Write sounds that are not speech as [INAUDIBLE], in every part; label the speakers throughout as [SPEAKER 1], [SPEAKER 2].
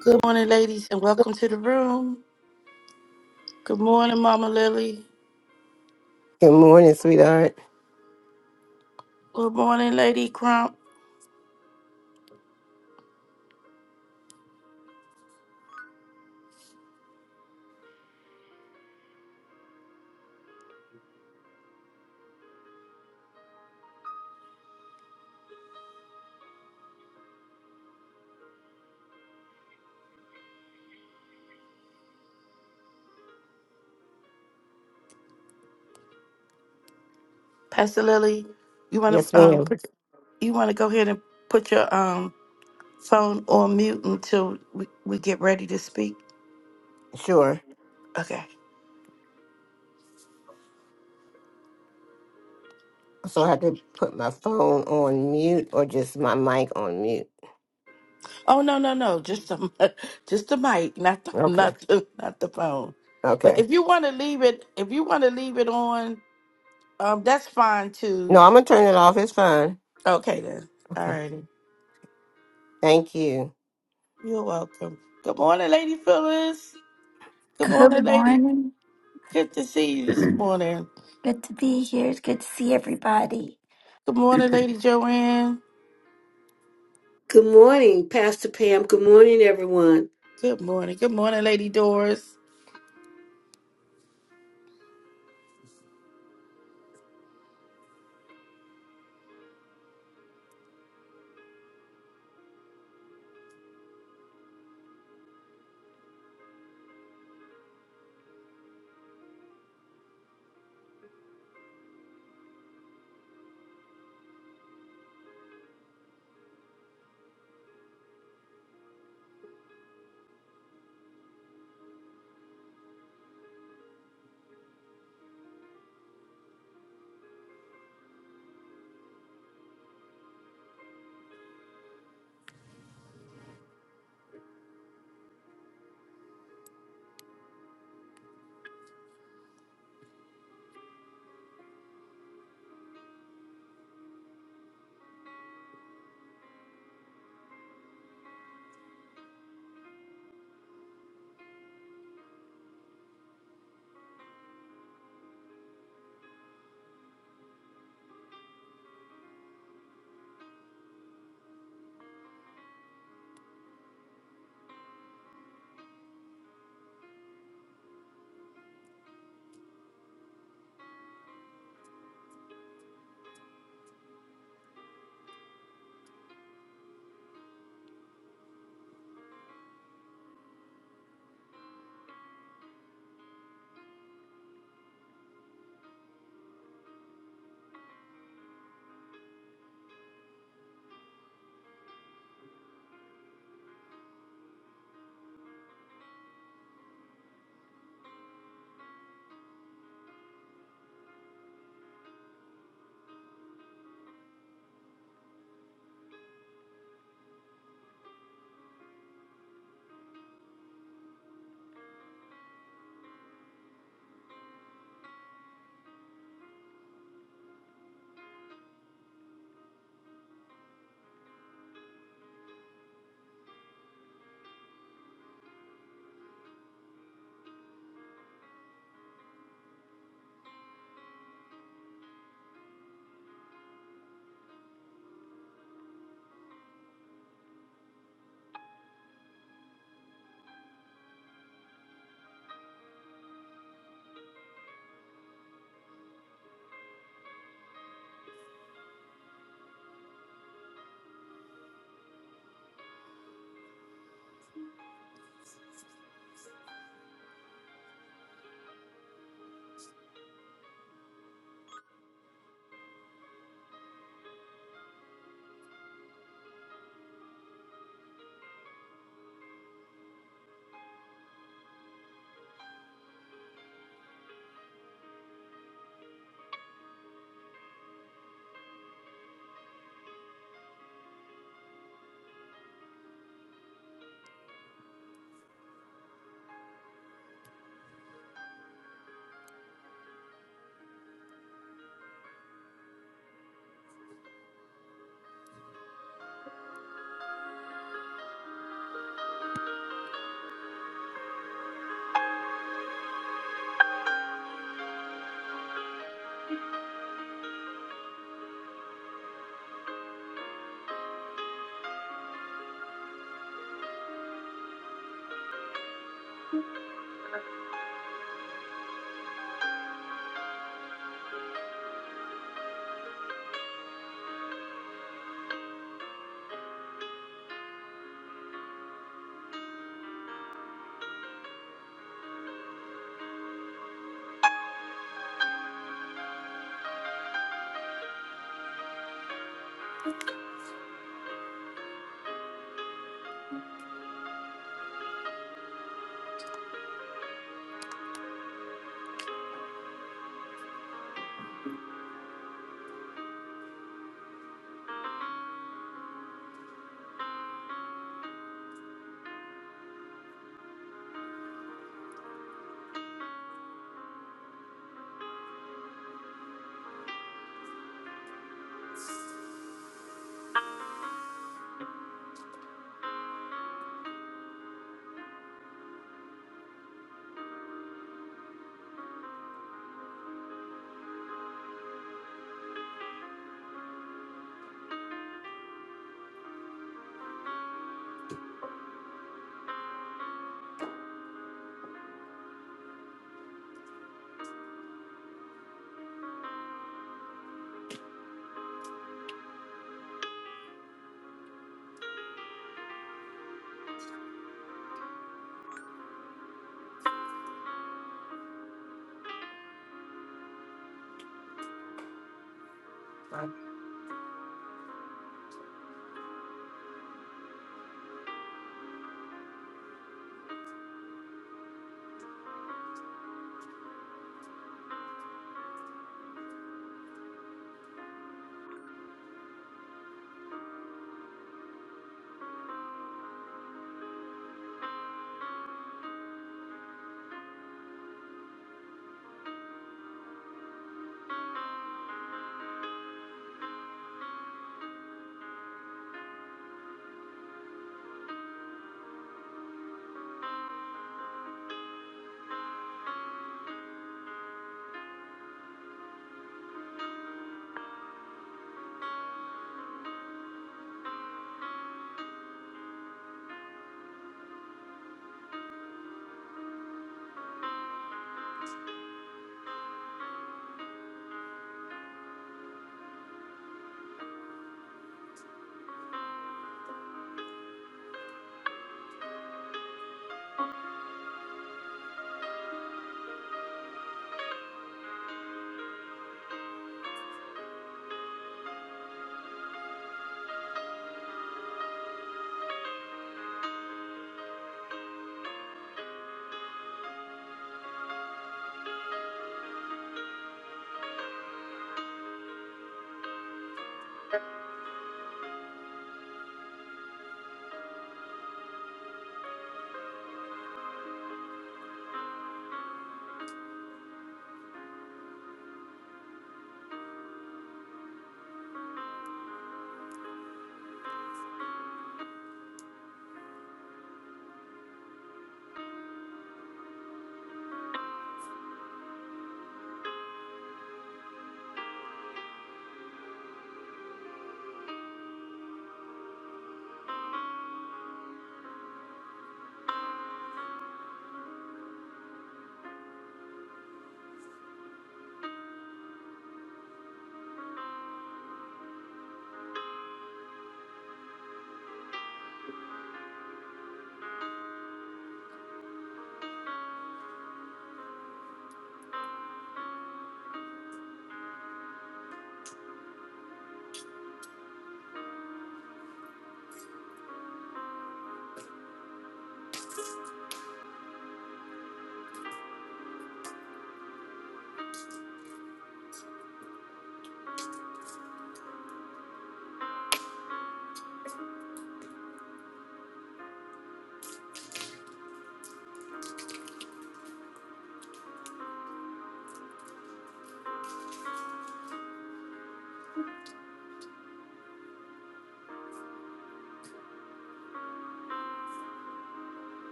[SPEAKER 1] Good morning, ladies, and welcome to the room. Good morning, Mama Lily.
[SPEAKER 2] Good morning, sweetheart.
[SPEAKER 1] Good morning, Lady Crump. Pastor Lily, you want
[SPEAKER 2] Yes,
[SPEAKER 1] to um
[SPEAKER 2] ma'am.
[SPEAKER 1] put you want to go ahead and put your um phone on mute until we, we get ready to speak.
[SPEAKER 2] Sure.
[SPEAKER 1] Okay.
[SPEAKER 2] So I had to put my phone on mute or just my mic on mute.
[SPEAKER 1] Oh no no no, just the [LAUGHS] just the mic, not the [LAUGHS]
[SPEAKER 2] Okay.
[SPEAKER 1] not the, not the phone. But
[SPEAKER 2] Okay.
[SPEAKER 1] if you want to leave it, if you want to leave it on, um, that's fine too.
[SPEAKER 2] No, I'm going to turn it off. It's fine.
[SPEAKER 1] Okay then. All
[SPEAKER 2] Okay.
[SPEAKER 1] righty.
[SPEAKER 2] Thank you.
[SPEAKER 1] You're welcome. Good morning, Lady Phyllis. Good
[SPEAKER 3] Good
[SPEAKER 1] morning, Lady
[SPEAKER 3] morning.
[SPEAKER 1] Good to see you this morning.
[SPEAKER 3] Good to be here. It's good to see everybody.
[SPEAKER 1] Good morning, Lady Joanne.
[SPEAKER 4] Good morning, Pastor Pam. Good morning, everyone.
[SPEAKER 1] Good morning. Good morning, Lady Doris.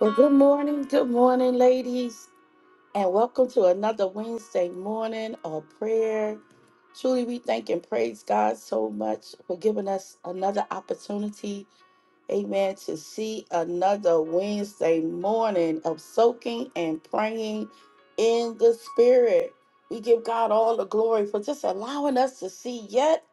[SPEAKER 1] Well, good morning. Good morning, ladies. And welcome to another Wednesday morning of prayer. Truly, we thank and praise God so much for giving us another opportunity Amen. To see another Wednesday morning of soaking and praying in the Spirit. We give God all the glory for just allowing us to see yet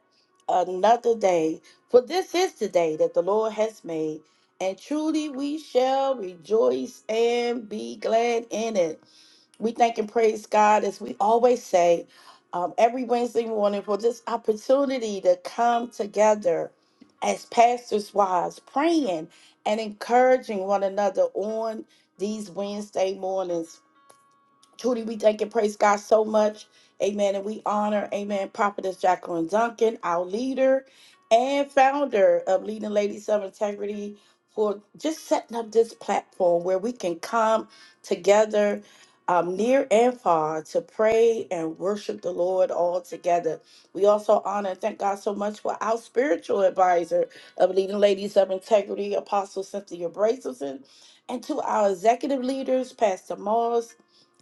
[SPEAKER 1] another day. For this is the day that the Lord has made, and truly we shall rejoice and be glad in it. We thank and praise God, as we always say, um, every Wednesday morning for this opportunity to come together as pastors' wives, praying and encouraging one another on these Wednesday mornings. Truly, we thank and praise God so much. Amen. And we honor, amen, Prophetess Jacqueline Duncan, our leader and founder of Leading Ladies of Integrity, for just setting up this platform where we can come together um, near and far to pray and worship the Lord all together. We also honor and thank God so much for our spiritual advisor of Leading Ladies of Integrity, Apostle Cynthia Brazelton, and to our executive leaders, Pastor Moss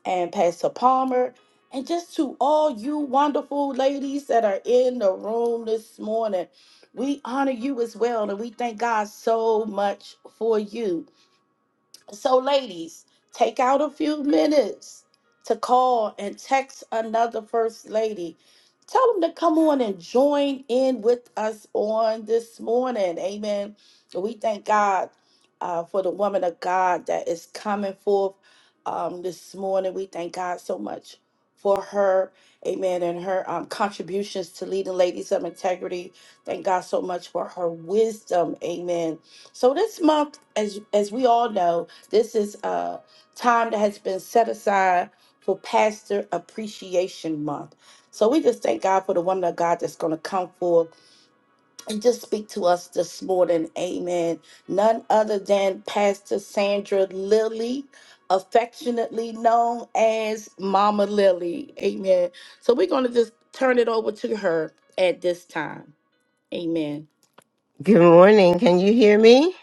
[SPEAKER 1] and Pastor Palmer, and just to all you wonderful ladies that are in the room this morning. We honor you as well, and we thank God so much for you. So, ladies, take out a few minutes to call and text another first lady. Tell them to come on and join in with us on this morning. Amen. We thank God uh, for the woman of God that is coming forth um, this morning. We thank God so much for her. Amen. And her um, contributions to leading ladies of integrity. Thank God so much for her wisdom. Amen. So this month, as as we all know, this is a time that has been set aside for Pastor Appreciation Month. So we just thank God for the woman of God that's going to come forth and just speak to us this morning. Amen. None other than Pastor Sandra Lilly, affectionately known as Mama Lily. Amen. So we're going to just turn it over to her at this time. Amen.
[SPEAKER 2] Good morning. Can you hear me?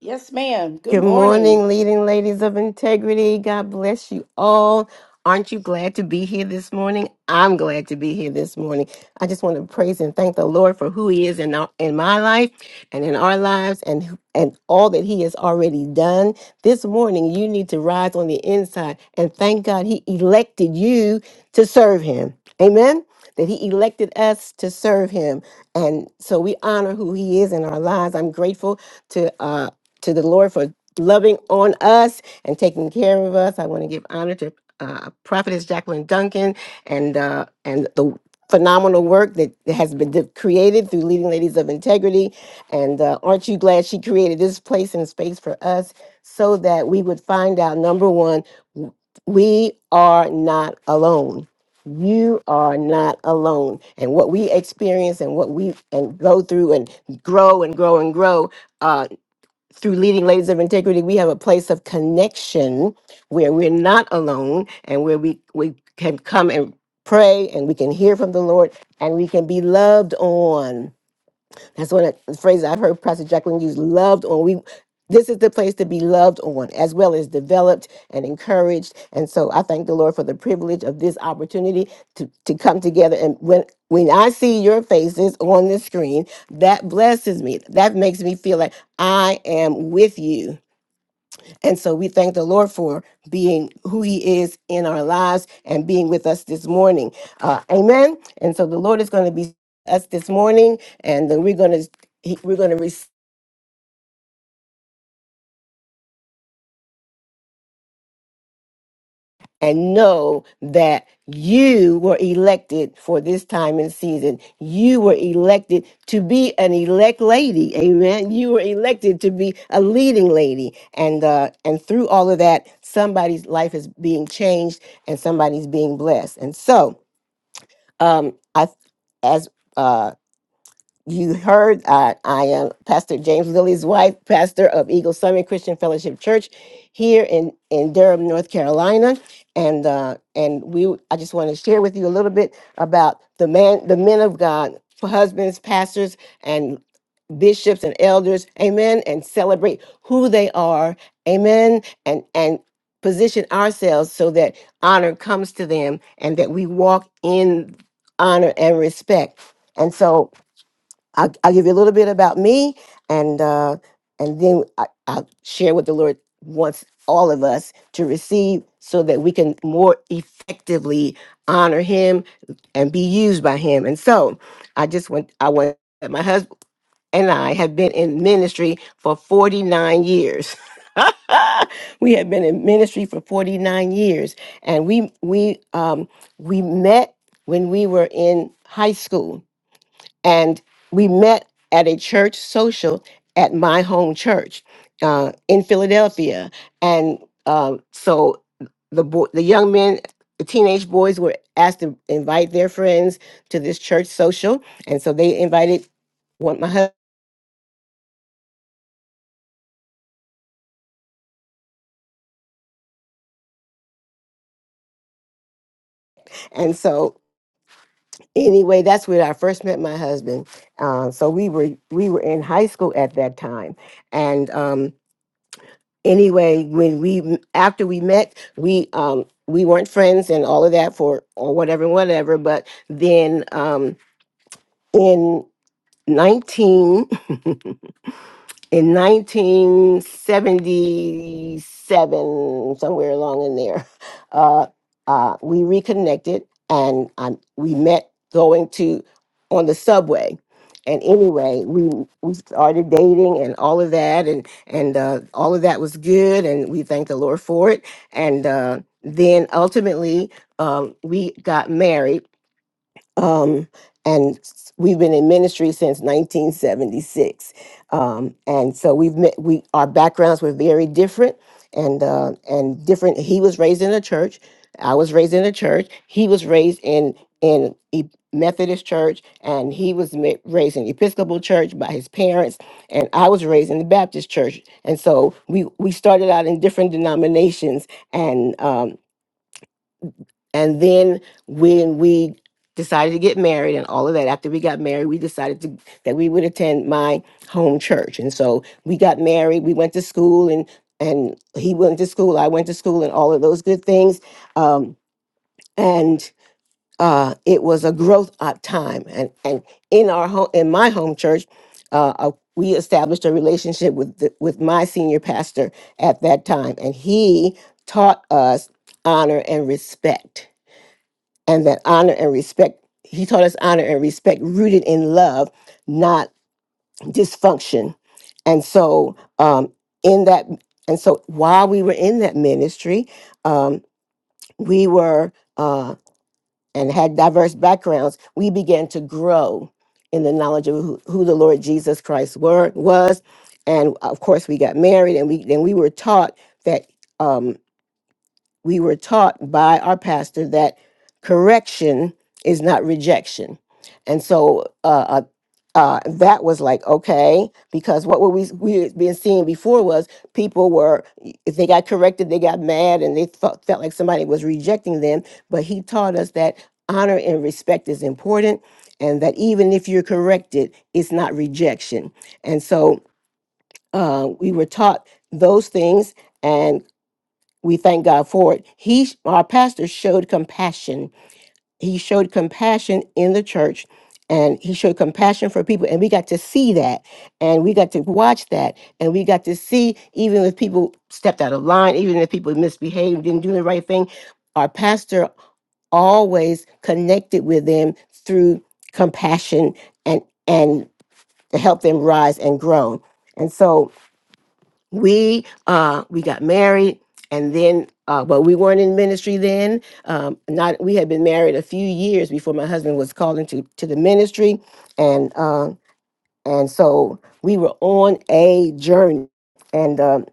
[SPEAKER 1] Yes, ma'am. Good
[SPEAKER 2] Good
[SPEAKER 1] morning,
[SPEAKER 2] morning, leading ladies of integrity. God bless you all. Aren't you glad to be here this morning? I'm glad to be here this morning. I just want to praise and thank the Lord for who He is in our, in my life and in our lives and who- and all that He has already done. This morning, you need to rise on the inside and thank God He elected you to serve Him. Amen. That He elected us to serve Him, and so we honor who He is in our lives. I'm grateful to. Uh, to the Lord for loving on us and taking care of us. I want to give honor to uh, Prophetess Jacqueline Duncan and uh, and the phenomenal work that has been de- created through Leading Ladies of Integrity. And uh, aren't you glad she created this place and space for us so that we would find out number one, w- we are not alone. You are not alone. And what we experience and what we and go through and grow and grow and grow. uh, through leading ladies of integrity we have a place of connection where we're not alone and where we we can come and pray and we can hear from the lord and we can be loved on that's one of the phrases I've heard Pastor Jacqueline use loved on. We this is the place to be loved on, as well as developed and encouraged. And so I thank the Lord for the privilege of this opportunity to, to come together. And when when I see your faces on the screen, that blesses me. That makes me feel like I am with you and so we thank the Lord for being who He is in our lives and being with us this morning. Uh, amen. And so the Lord is going to be with us this morning, and then we're going to we're going to receive and know that you were elected for this time and season. You were elected to be an elect lady. Amen. You were elected to be a leading lady, and uh, and through all of that, somebody's life is being changed and somebody's being blessed. And so. Um, I as uh you heard uh, I am Pastor James Lilly's wife, pastor of Eagle Summit Christian Fellowship Church here in, in Durham, North Carolina, and uh, and we I just want to share with you a little bit about the man, the men of God, husbands, pastors, and bishops and elders, amen, and celebrate who they are, amen, and and position ourselves so that honor comes to them and that we walk in honor and respect. And so I'll, I'll give you a little bit about me, and uh, and then I, I'll share what the Lord wants all of us to receive, so that we can more effectively honor Him and be used by Him. And so, I just want I want my husband and I have been in ministry for forty nine years. [LAUGHS] we have been in ministry for 49 years and we we um we met when we were in high school and we met at a church social at my home church uh, in Philadelphia, and um, so the boy, the young men, the teenage boys were asked to invite their friends to this church social, and so they invited one my husband, and so anyway, that's where I first met my husband. Uh, so we were we were in high school at that time, and. Um, anyway, when we after we met, we um we weren't friends and all of that for or whatever, whatever. But then um in nineteen [LAUGHS] in 1977, somewhere along in there, [LAUGHS] uh, uh, we reconnected and um, we met going to on the subway. And anyway, we we started dating and all of that, and and uh, all of that was good, and we thank the Lord for it. And uh, then ultimately, um, we got married um, and s- we've been in ministry since 1976. Um, and so we've met, we our backgrounds were very different, and uh, and different. He was raised in a church. I was raised in a church. He was raised in in a Methodist church, and he was ma- raised in Episcopal church by his parents, and I was raised in the Baptist church. And so we we started out in different denominations, and um, and then when we decided to get married and all of that, after we got married, we decided to, that we would attend my home church. And so we got married, we went to school, and and he went to school, I went to school, and all of those good things. Um, and uh, it was a growth up time. And and in our home, in my home church, uh, uh, we established a relationship with the, with my senior pastor at that time, and he taught us honor and respect and that honor and respect he taught us honor and respect rooted in love not dysfunction and so um in that and so while we were in that ministry um we were uh and had diverse backgrounds we began to grow in the knowledge of who, who the lord jesus christ were was and of course we got married and we then we were taught that Um, we were taught by our pastor that correction is not rejection and so uh, uh, uh, that was like okay because what were we we had been seeing before was people were if they got corrected they got mad and they felt, felt like somebody was rejecting them but he taught us that honor and respect is important and that even if you're corrected it's not rejection and so uh, we were taught those things and we thank God for it. He, our pastor, showed compassion. He showed compassion in the church, and he showed compassion for people. And we got to see that, and we got to watch that, and we got to see even if people stepped out of line, even if people misbehaved, didn't do the right thing. Our pastor always connected with them through compassion and and to help them rise and grow. And so we uh we got married and then uh well we weren't in ministry then um not we had been married a few years before my husband was called into to the ministry and uh and so we were on a journey and um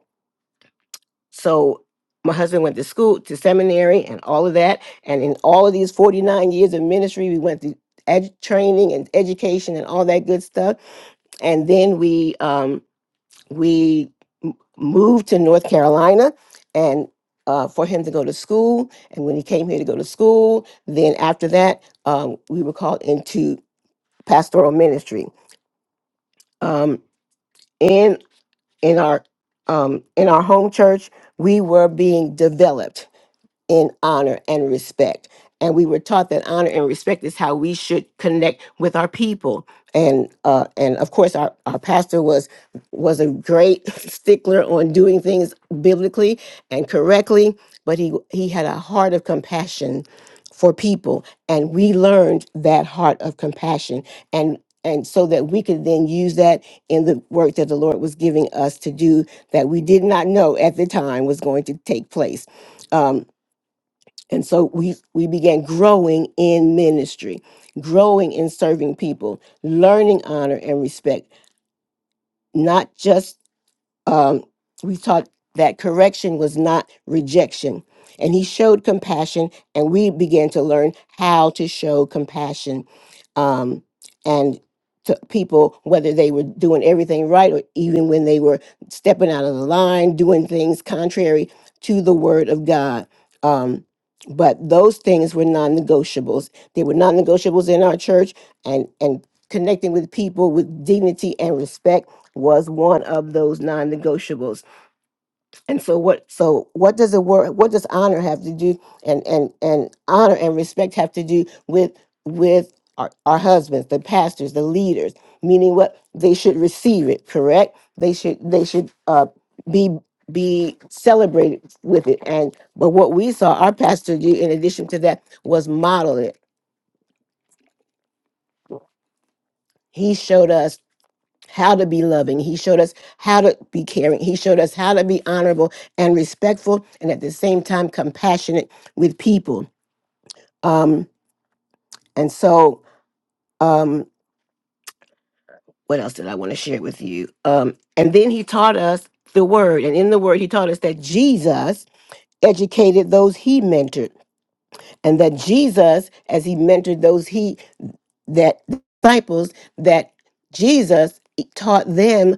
[SPEAKER 2] so my husband went to school to seminary and all of that and in all of these 49 years of ministry we went through edu- training and education and all that good stuff and then we um we m- moved to North Carolina and uh, for him to go to school. And when he came here to go to school, then after that, um, we were called into pastoral ministry. Um, in in our um, in our home church, we were being developed in honor and respect. And we were taught that honor and respect is how we should connect with our people. And uh, and of course, our, our pastor was was a great [LAUGHS] stickler on doing things biblically and correctly. But he he had a heart of compassion for people, and we learned that heart of compassion and. And so that we could then use that in the work that the Lord was giving us to do that we did not know at the time was going to take place Um, and so we we began growing in ministry growing in serving people learning honor and respect not just um, we taught that correction was not rejection. And he showed compassion, and we began to learn how to show compassion um, and to people, whether they were doing everything right or even when they were stepping out of the line, doing things contrary to the word of God. Um, but those things were non-negotiables. They were non-negotiables in our church, and and connecting with people with dignity and respect was one of those non-negotiables. And so what so what does the word what does honor have to do and and and honor and respect have to do with with our, our husbands, the pastors, the leaders, meaning what they should receive it, correct? They should they should uh be be celebrated with it. And but what we saw our pastor do in addition to that was model it. He showed us how to be loving. He showed us how to be caring. He showed us how to be honorable and respectful and at the same time compassionate with people. Um, and so, um, what else did I want to share with you? Um, and then he taught us the word. And in the word, he taught us that Jesus educated those he mentored. and that Jesus, as he mentored those he that disciples, that Jesus taught them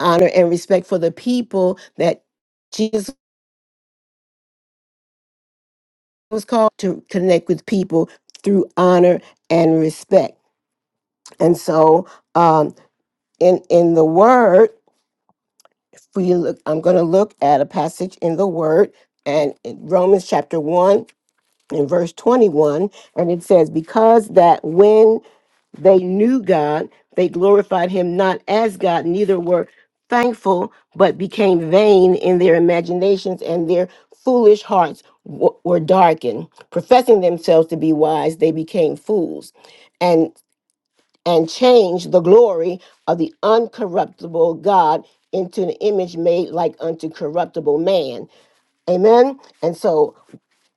[SPEAKER 2] honor and respect for the people that Jesus was called to connect with people through honor and respect. And so, um, in in the Word, if we look, I'm going to look at a passage in the Word, and in Romans chapter one. In verse 21, and it says, Because that when They knew God. They glorified him not as God, neither were thankful, but became vain in their imaginations, and their foolish hearts w- were darkened. Professing themselves to be wise, they became fools and and changed the glory of the uncorruptible God into an image made like unto corruptible man. Amen. And so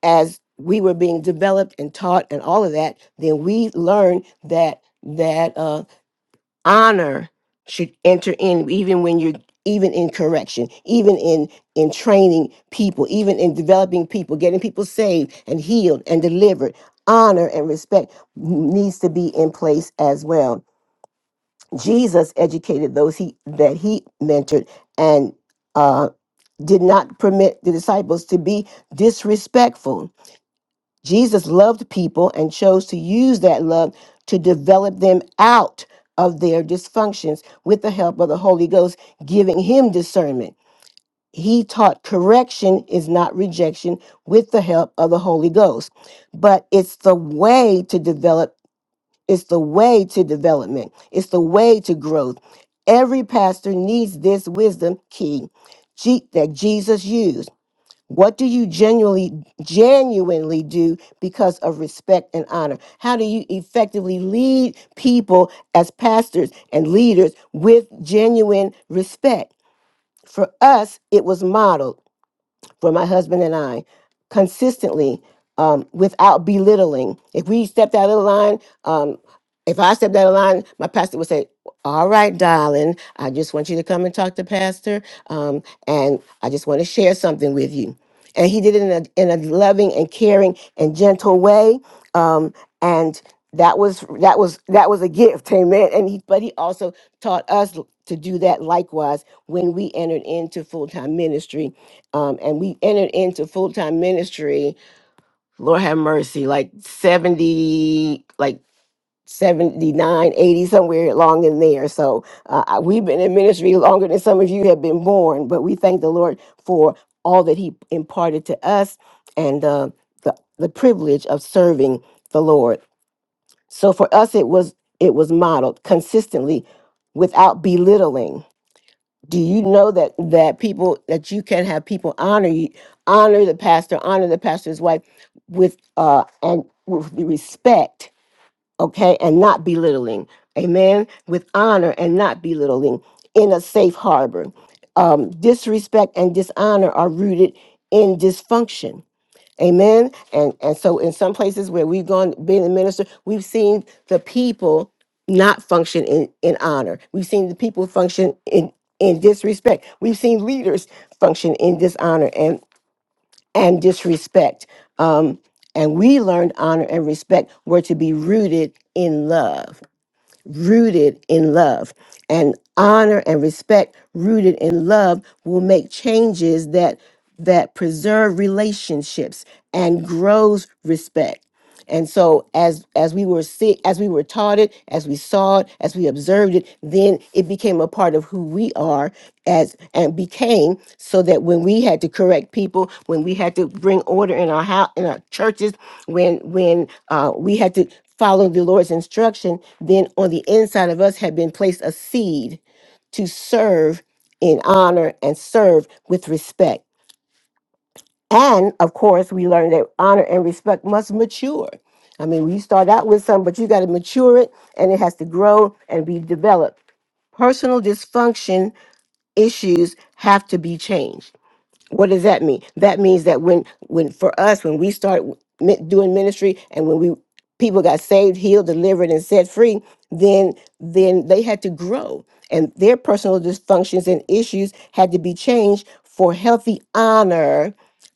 [SPEAKER 2] as we were being developed and taught and all of that, then we learned that that uh honor should enter in even when you're even in correction even in in training people even in developing people getting people saved and healed and delivered honor and respect needs to be in place as well jesus educated those he that he mentored and uh did not permit the disciples to be disrespectful Jesus loved people and chose to use that love to develop them out of their dysfunctions with the help of the Holy Ghost, giving him discernment. He taught correction is not rejection with the help of the Holy Ghost, but it's the way to develop, it's the way to development, it's the way to growth. Every pastor needs this wisdom key Je- that Jesus used. What do you genuinely genuinely do because of respect and honor? How do you effectively lead people as pastors and leaders with genuine respect? For us, it was modeled for my husband and I consistently um, without belittling. If we stepped out of the line, um, if I stepped out of line, my pastor would say, all right, darling, I just want you to come and talk to pastor. Um, and I just want to share something with you. And he did it in a, in a loving and caring and gentle way. Um, and that was that was that was a gift [LAUGHS] amen and he but he also taught us to do that likewise when we entered into full-time ministry um, and we entered into full time ministry. Lord have mercy, like 70, like 79, 80, somewhere along in there. So uh, I- we've been in ministry longer than some of you have been born, but we thank the Lord for all that He imparted to us and uh, the, the privilege of serving the Lord. So for us, it was it was modeled consistently without belittling do you know that that people that you can have people honor you honor the pastor honor the pastor's wife with uh and with the respect okay and not belittling amen with honor and not belittling in a safe harbor um disrespect and dishonor are rooted in dysfunction Amen. And and so in some places where we've gone been a minister, we've seen the people not function in, in honor. We've seen the people function in, in disrespect. We've seen leaders function in dishonor and, and disrespect. Um, and we learned honor and respect were to be rooted in love rooted in love. And honor and respect rooted in love will make changes that that preserve relationships and grows respect. And so as as we were see, as we were taught it, as we saw it, as we observed it, then it became a part of who we are as and became so that when we had to correct people, when we had to bring order in our house in our churches, when when uh, we had to Following the Lord's instruction, then on the inside of us had been placed a seed to serve in honor and serve with respect. And of course, we learned that honor and respect must mature. I mean, you start out with something, but you got to mature it and it has to grow and be developed. Personal dysfunction issues have to be changed what does that mean? That means that when when for us when we start mi- doing ministry and when we people got saved, healed, delivered and set free, then then they had to grow and their personal dysfunctions and issues had to be changed for healthy honor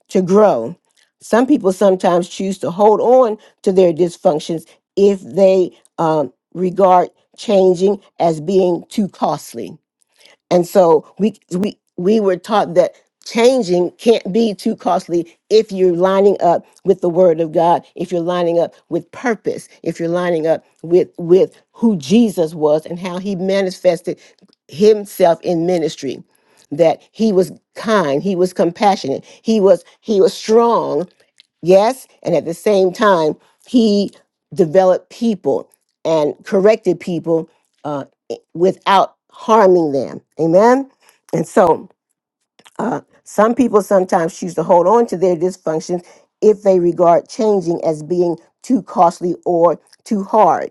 [SPEAKER 2] to grow. Some people sometimes choose to hold on to their dysfunctions if they um, regard changing as being too costly and so we we we were taught that changing can't be too costly if you're lining up with the word of God, if you're lining up with purpose, if you're lining up with with who Jesus was and how he manifested himself in ministry that he was kind he was compassionate he was he was strong Yes. And at the same time, he developed people and corrected people uh, i- without harming them. Amen. And so, uh, some people sometimes choose to hold on to their dysfunctions if they regard changing as being too costly or too hard.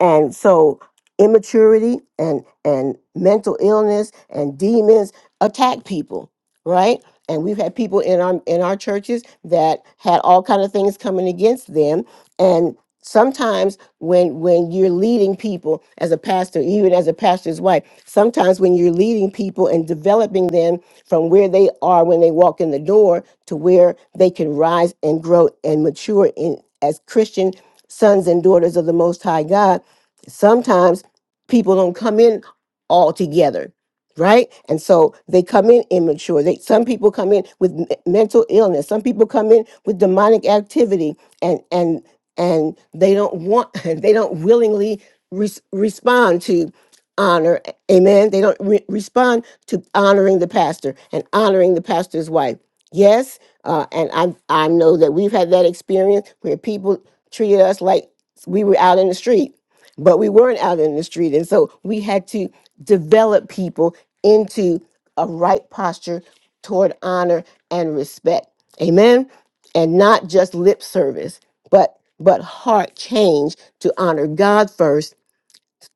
[SPEAKER 2] And so immaturity and and mental illness and demons attack people, right? And we've had people in our in our churches that had all kind of things coming against them and sometimes when when you're leading people as a pastor even as a pastor's wife sometimes when you're leading people and developing them from where they are when they walk in the door to where they can rise and grow and mature in as christian sons and daughters of the most high god sometimes people don't come in all together right and so they come in immature they some people come in with m- mental illness some people come in with demonic activity and and and they don't want [LAUGHS] they don't willingly res- respond to honor amen they don't re- respond to honoring the pastor and honoring the pastor's wife yes uh, and i i know that we've had that experience where people treated us like we were out in the street but we weren't out in the street and so we had to develop people into a right posture toward honor and respect amen and not just lip service but but heart change to honor God first,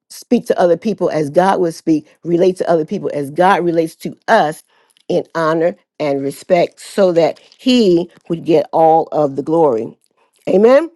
[SPEAKER 2] speak to other people as God would speak, relate to other people as God relates to us in honor and respect so that he would get all of the glory. Amen.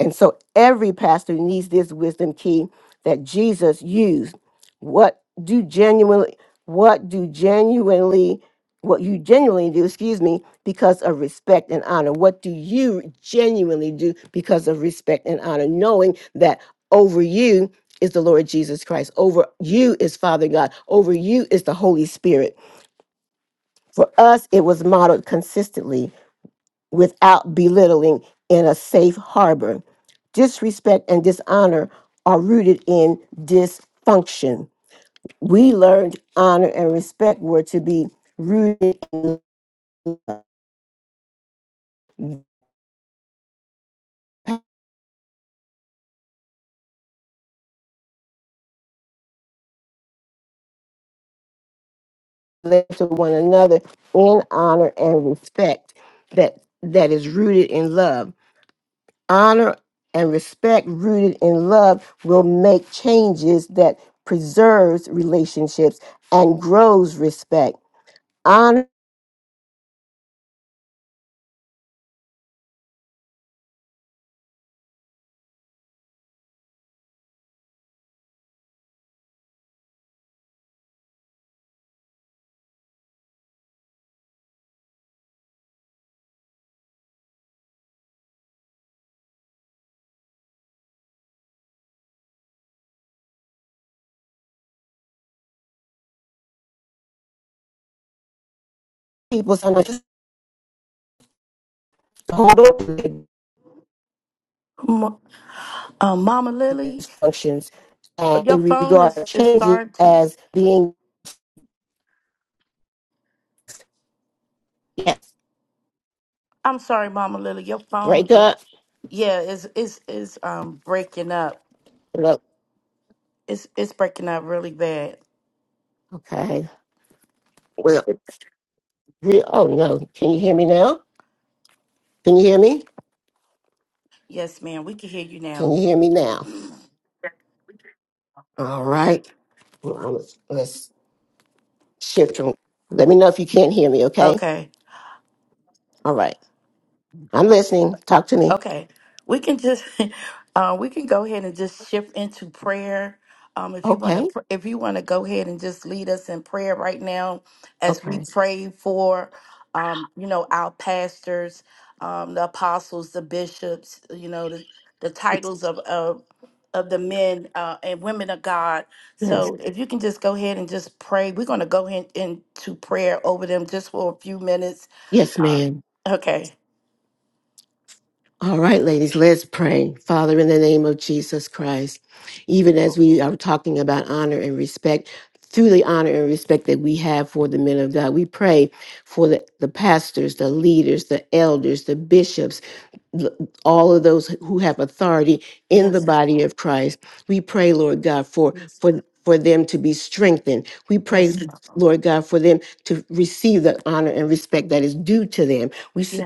[SPEAKER 2] And so every pastor needs this wisdom key that Jesus used. What do genuinely what do genuinely what you genuinely do, excuse me, because of respect and honor? What do you genuinely do because of respect and honor, knowing that over you is the Lord Jesus Christ, over you is Father God, over you is the Holy Spirit. For us, it was modeled consistently without belittling in a safe harbor. Disrespect and dishonor are rooted in dysfunction. We learned honor and respect were to be rooted in love to one another in honor and respect that that is rooted in love. Honor and respect rooted in love will make changes that preserves relationships and grows respect. Honor people sometimes just hold on to it
[SPEAKER 1] Ma- uh, Mama Lily.
[SPEAKER 2] functions. And they
[SPEAKER 1] Your phone
[SPEAKER 2] regard
[SPEAKER 1] is is
[SPEAKER 2] changes
[SPEAKER 1] starting to.
[SPEAKER 2] as being yes,
[SPEAKER 1] I'm sorry, Mama Lily. Your phone,
[SPEAKER 2] break
[SPEAKER 1] it-
[SPEAKER 2] up.
[SPEAKER 1] yeah, is is is um breaking up.
[SPEAKER 2] Look,
[SPEAKER 1] It's it's breaking up really bad.
[SPEAKER 2] okay. Well, re- oh no, can you hear me now? Can you hear me?
[SPEAKER 1] Yes, ma'am. We can hear you
[SPEAKER 2] Can
[SPEAKER 1] now.
[SPEAKER 2] you hear me now? All right. Well, let's, let's shift. From, let me know if you can't hear me. Okay.
[SPEAKER 1] Okay.
[SPEAKER 2] All right. I'm listening. Talk to me.
[SPEAKER 1] Okay, we can just [LAUGHS] uh, we can go ahead and just shift into prayer. Um, if you want
[SPEAKER 2] Okay.
[SPEAKER 1] to, if you want to go ahead and just lead us in prayer right now, as we
[SPEAKER 2] Okay.
[SPEAKER 1] pray for, um, you know, our pastors, um, the apostles, the bishops, you know, the, the titles of of of the men uh, and women of God.
[SPEAKER 2] Yes.
[SPEAKER 1] So if you can just go ahead and just pray, we're going to go ahead into prayer over them just for a few minutes.
[SPEAKER 2] Yes,
[SPEAKER 1] Uh,
[SPEAKER 2] ma'am.
[SPEAKER 1] Okay.
[SPEAKER 2] All right, ladies, let's pray. Father, in the name of Jesus Christ, even as we are talking about honor and respect, through the honor and respect that we have for the men of God, we pray for the, the pastors, the leaders, the elders, the bishops, l- all of those who have authority in the body of Christ. We pray, Lord God, for for for them to be strengthened. We pray, Lord God, for them to receive the honor and respect that is due to them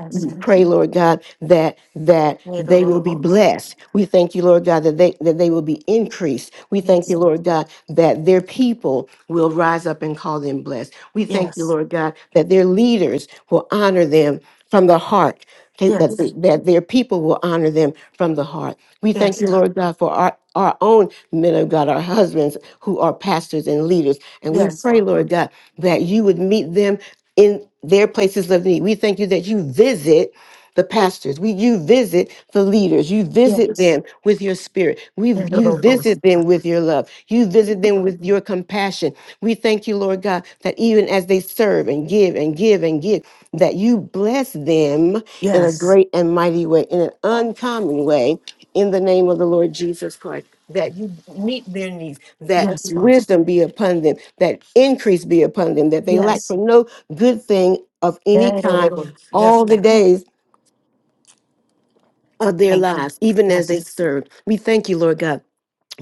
[SPEAKER 1] Let's
[SPEAKER 2] pray, Lord God, that that they will be
[SPEAKER 1] go.
[SPEAKER 2] blessed. We thank you, Lord God, that they that they will be increased. We thank
[SPEAKER 1] Yes,
[SPEAKER 2] you,
[SPEAKER 1] Father.
[SPEAKER 2] Lord God, that their people will rise up and call them blessed. We thank you,
[SPEAKER 1] Yes.
[SPEAKER 2] Lord God, that their leaders will honor them from the heart. That, that they-
[SPEAKER 1] Yes.
[SPEAKER 2] that their people will honor them from the heart. We thank
[SPEAKER 1] Yes,
[SPEAKER 2] you,
[SPEAKER 1] Father.
[SPEAKER 2] Lord God, for our, our own men of God, our husbands who are pastors and leaders. And we
[SPEAKER 1] Yes,
[SPEAKER 2] pray,
[SPEAKER 1] Father.
[SPEAKER 2] Lord God, that you would meet them in their places of need. We thank you that you visit the pastors. We you visit the leaders. You visit
[SPEAKER 1] Yes.
[SPEAKER 2] them with your spirit. We
[SPEAKER 1] And the
[SPEAKER 2] you
[SPEAKER 1] Lord.
[SPEAKER 2] visit them with your love. You visit them with your compassion. We thank you, Lord God, that even as they serve and give and give and give, that you bless them in a
[SPEAKER 1] Yes.
[SPEAKER 2] great and mighty way, in an uncommon way in the name of the Lord Jesus Christ, that you meet their needs, that
[SPEAKER 1] Yes, Father.
[SPEAKER 2] wisdom be upon them, that increase be upon them, that they lack
[SPEAKER 1] Yes.
[SPEAKER 2] for no good thing of any
[SPEAKER 1] And the
[SPEAKER 2] kind
[SPEAKER 1] Lord. Yes,
[SPEAKER 2] all the
[SPEAKER 1] God.
[SPEAKER 2] days of their
[SPEAKER 1] Thank you.
[SPEAKER 2] lives, even as they
[SPEAKER 1] Yes.
[SPEAKER 2] serve. We thank you, Lord God.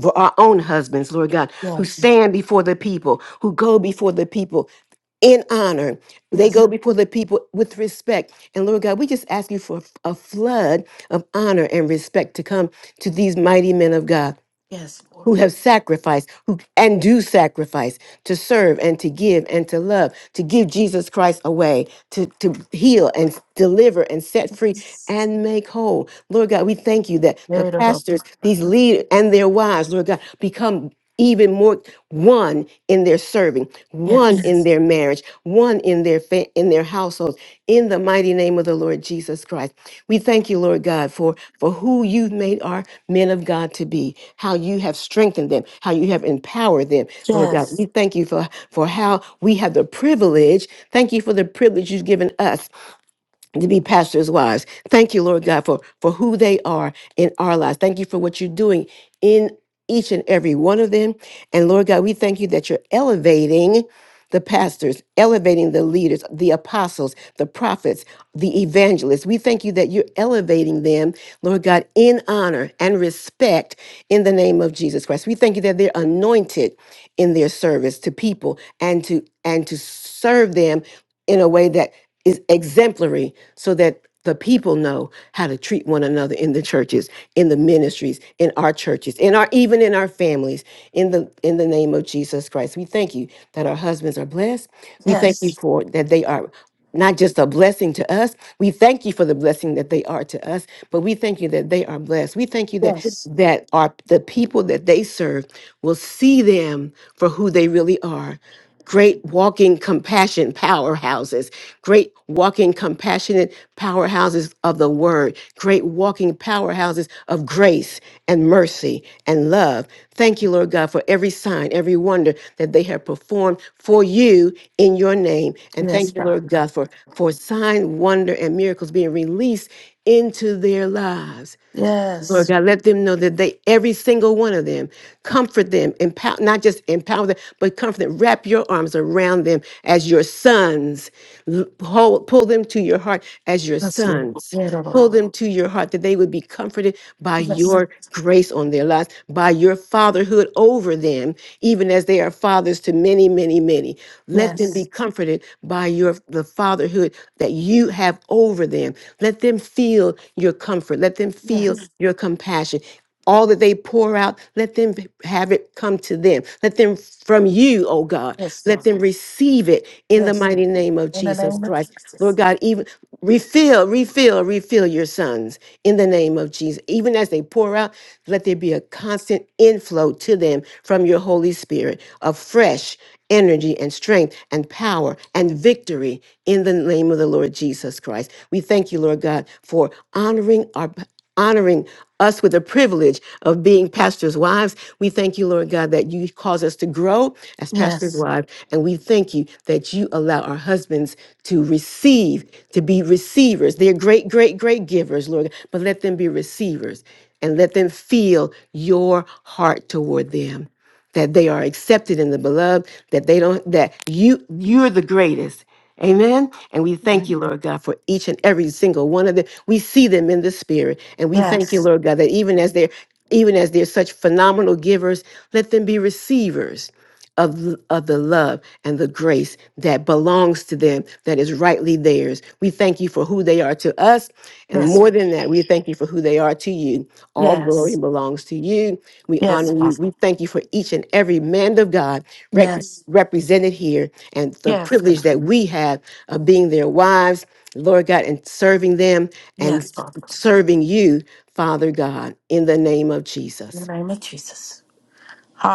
[SPEAKER 2] For our own husbands, Lord God, who
[SPEAKER 1] Yes.
[SPEAKER 2] stand before the people, who go before the people, in honor. They
[SPEAKER 1] Yes.
[SPEAKER 2] go before the people with respect. And Lord God, we just ask you for a flood of honor and respect to come to these mighty men of God
[SPEAKER 1] Yes, Lord.
[SPEAKER 2] who have sacrificed who and do sacrifice to serve and to give and to love to give jesus christ away to, to heal and deliver and set free
[SPEAKER 1] Yes.
[SPEAKER 2] and make whole lord god we thank you that the
[SPEAKER 1] And the Lord.
[SPEAKER 2] pastors these leaders and their wives lord god become even more one in their serving one in
[SPEAKER 1] Yes.
[SPEAKER 2] their marriage one in their fa- in their households in the mighty name of the lord jesus christ we thank you lord god for for who you've made our men of god to be how you have strengthened them how you have empowered them lord god we
[SPEAKER 1] Yes.
[SPEAKER 2] thank you for for how we have the privilege thank you for the privilege you've given us to be pastors' wives. Thank you, Lord God, for, for who they are in our lives. Thank you for what you're doing in each and every one of them. And Lord God, we thank you that you're elevating the pastors, elevating the leaders, the apostles, the prophets, the evangelists. We thank you that you're elevating them, Lord God, in honor and respect in the name of Jesus Christ. We thank you that they're anointed in their service to people and to and to serve them in a way that is exemplary so that the people know how to treat one another in the churches in the ministries in our churches in our even in our families in the in the name of jesus christ we thank you that our husbands are blessed we thank you
[SPEAKER 1] Yes.
[SPEAKER 2] for that they are not just a blessing to us we thank you for the blessing that they are to us but we thank you that they are blessed we thank you that
[SPEAKER 1] Yes.
[SPEAKER 2] that are the people that they serve will see them for who they really are great walking compassion powerhouses, great walking compassionate powerhouses of the word, great walking powerhouses of grace and mercy and love. Thank you, Lord God, for every sign, every wonder that they have performed for you in your name. And
[SPEAKER 1] Yes,
[SPEAKER 2] thank you,
[SPEAKER 1] God.
[SPEAKER 2] Lord God, for, for sign, wonder, and miracles being released into their lives. Lord
[SPEAKER 1] Yes.
[SPEAKER 2] God, let them know that they, every single one of them, comfort them, empower, not just empower them, but comfort them. Wrap your arms around them as your sons. L- Hold, pull them to your heart as your
[SPEAKER 1] Yes, Lord.
[SPEAKER 2] sons.
[SPEAKER 1] Yeah, the
[SPEAKER 2] Pull
[SPEAKER 1] Lord.
[SPEAKER 2] them to your heart that they would be comforted by
[SPEAKER 1] Yes.
[SPEAKER 2] your grace on their lives, by your fatherhood over them, even as they are fathers to many, many, many. Let them be
[SPEAKER 1] Yes.
[SPEAKER 2] comforted by your the fatherhood that you have over them. Let them feel your comfort. Let them feel Mhm.
[SPEAKER 1] Yes.
[SPEAKER 2] your compassion. All that they pour out, let them have it come to them. Let them from you, oh God,
[SPEAKER 1] Yes,
[SPEAKER 2] let
[SPEAKER 1] Father.
[SPEAKER 2] them receive it in the
[SPEAKER 1] Yes, Lord.
[SPEAKER 2] mighty name of
[SPEAKER 1] In the
[SPEAKER 2] Jesus
[SPEAKER 1] name of
[SPEAKER 2] Christ. Lord
[SPEAKER 1] Jesus.
[SPEAKER 2] God, even refill, refill, refill your sons in the name of Jesus. Even as they pour out, let there be a constant inflow to them from your Holy Spirit of fresh energy and strength and power and victory in the name of the Lord Jesus Christ. We thank you, Lord God, for honoring our honoring us with the privilege of being pastors' wives. We thank you, Lord God, that you cause us to grow as pastors'
[SPEAKER 1] Yes.
[SPEAKER 2] wives. And we thank you that you allow our husbands to receive, to be receivers. They're great, great, great givers, Lord, but let them be receivers and let them feel your heart toward them that they are accepted in the beloved, that they don't that you you're the greatest. Amen. And we thank
[SPEAKER 1] Mhm.
[SPEAKER 2] you, Lord God, for each and every single one of them. We see them in the spirit. And we thank you,
[SPEAKER 1] Yes,
[SPEAKER 2] Lord God, that even as they're even as they're such phenomenal givers, let them be receivers of, l- of the love and the grace that belongs to them, that is rightly theirs. We thank you for who they are to us. And
[SPEAKER 1] yes,
[SPEAKER 2] more than that, we thank you for who they are to you. All glory
[SPEAKER 1] yes,
[SPEAKER 2] belongs to you. We
[SPEAKER 1] yes,
[SPEAKER 2] honor you.
[SPEAKER 1] Father.
[SPEAKER 2] We thank you for each and every man of God rep-
[SPEAKER 1] Yes,
[SPEAKER 2] represented here and the
[SPEAKER 1] yes,
[SPEAKER 2] privilege
[SPEAKER 1] God.
[SPEAKER 2] that we have of being their wives, Lord God, and serving them and
[SPEAKER 1] Yes, Father.
[SPEAKER 2] serving you, Father God, in the name of
[SPEAKER 1] In the
[SPEAKER 2] Jesus.
[SPEAKER 1] name of Jesus.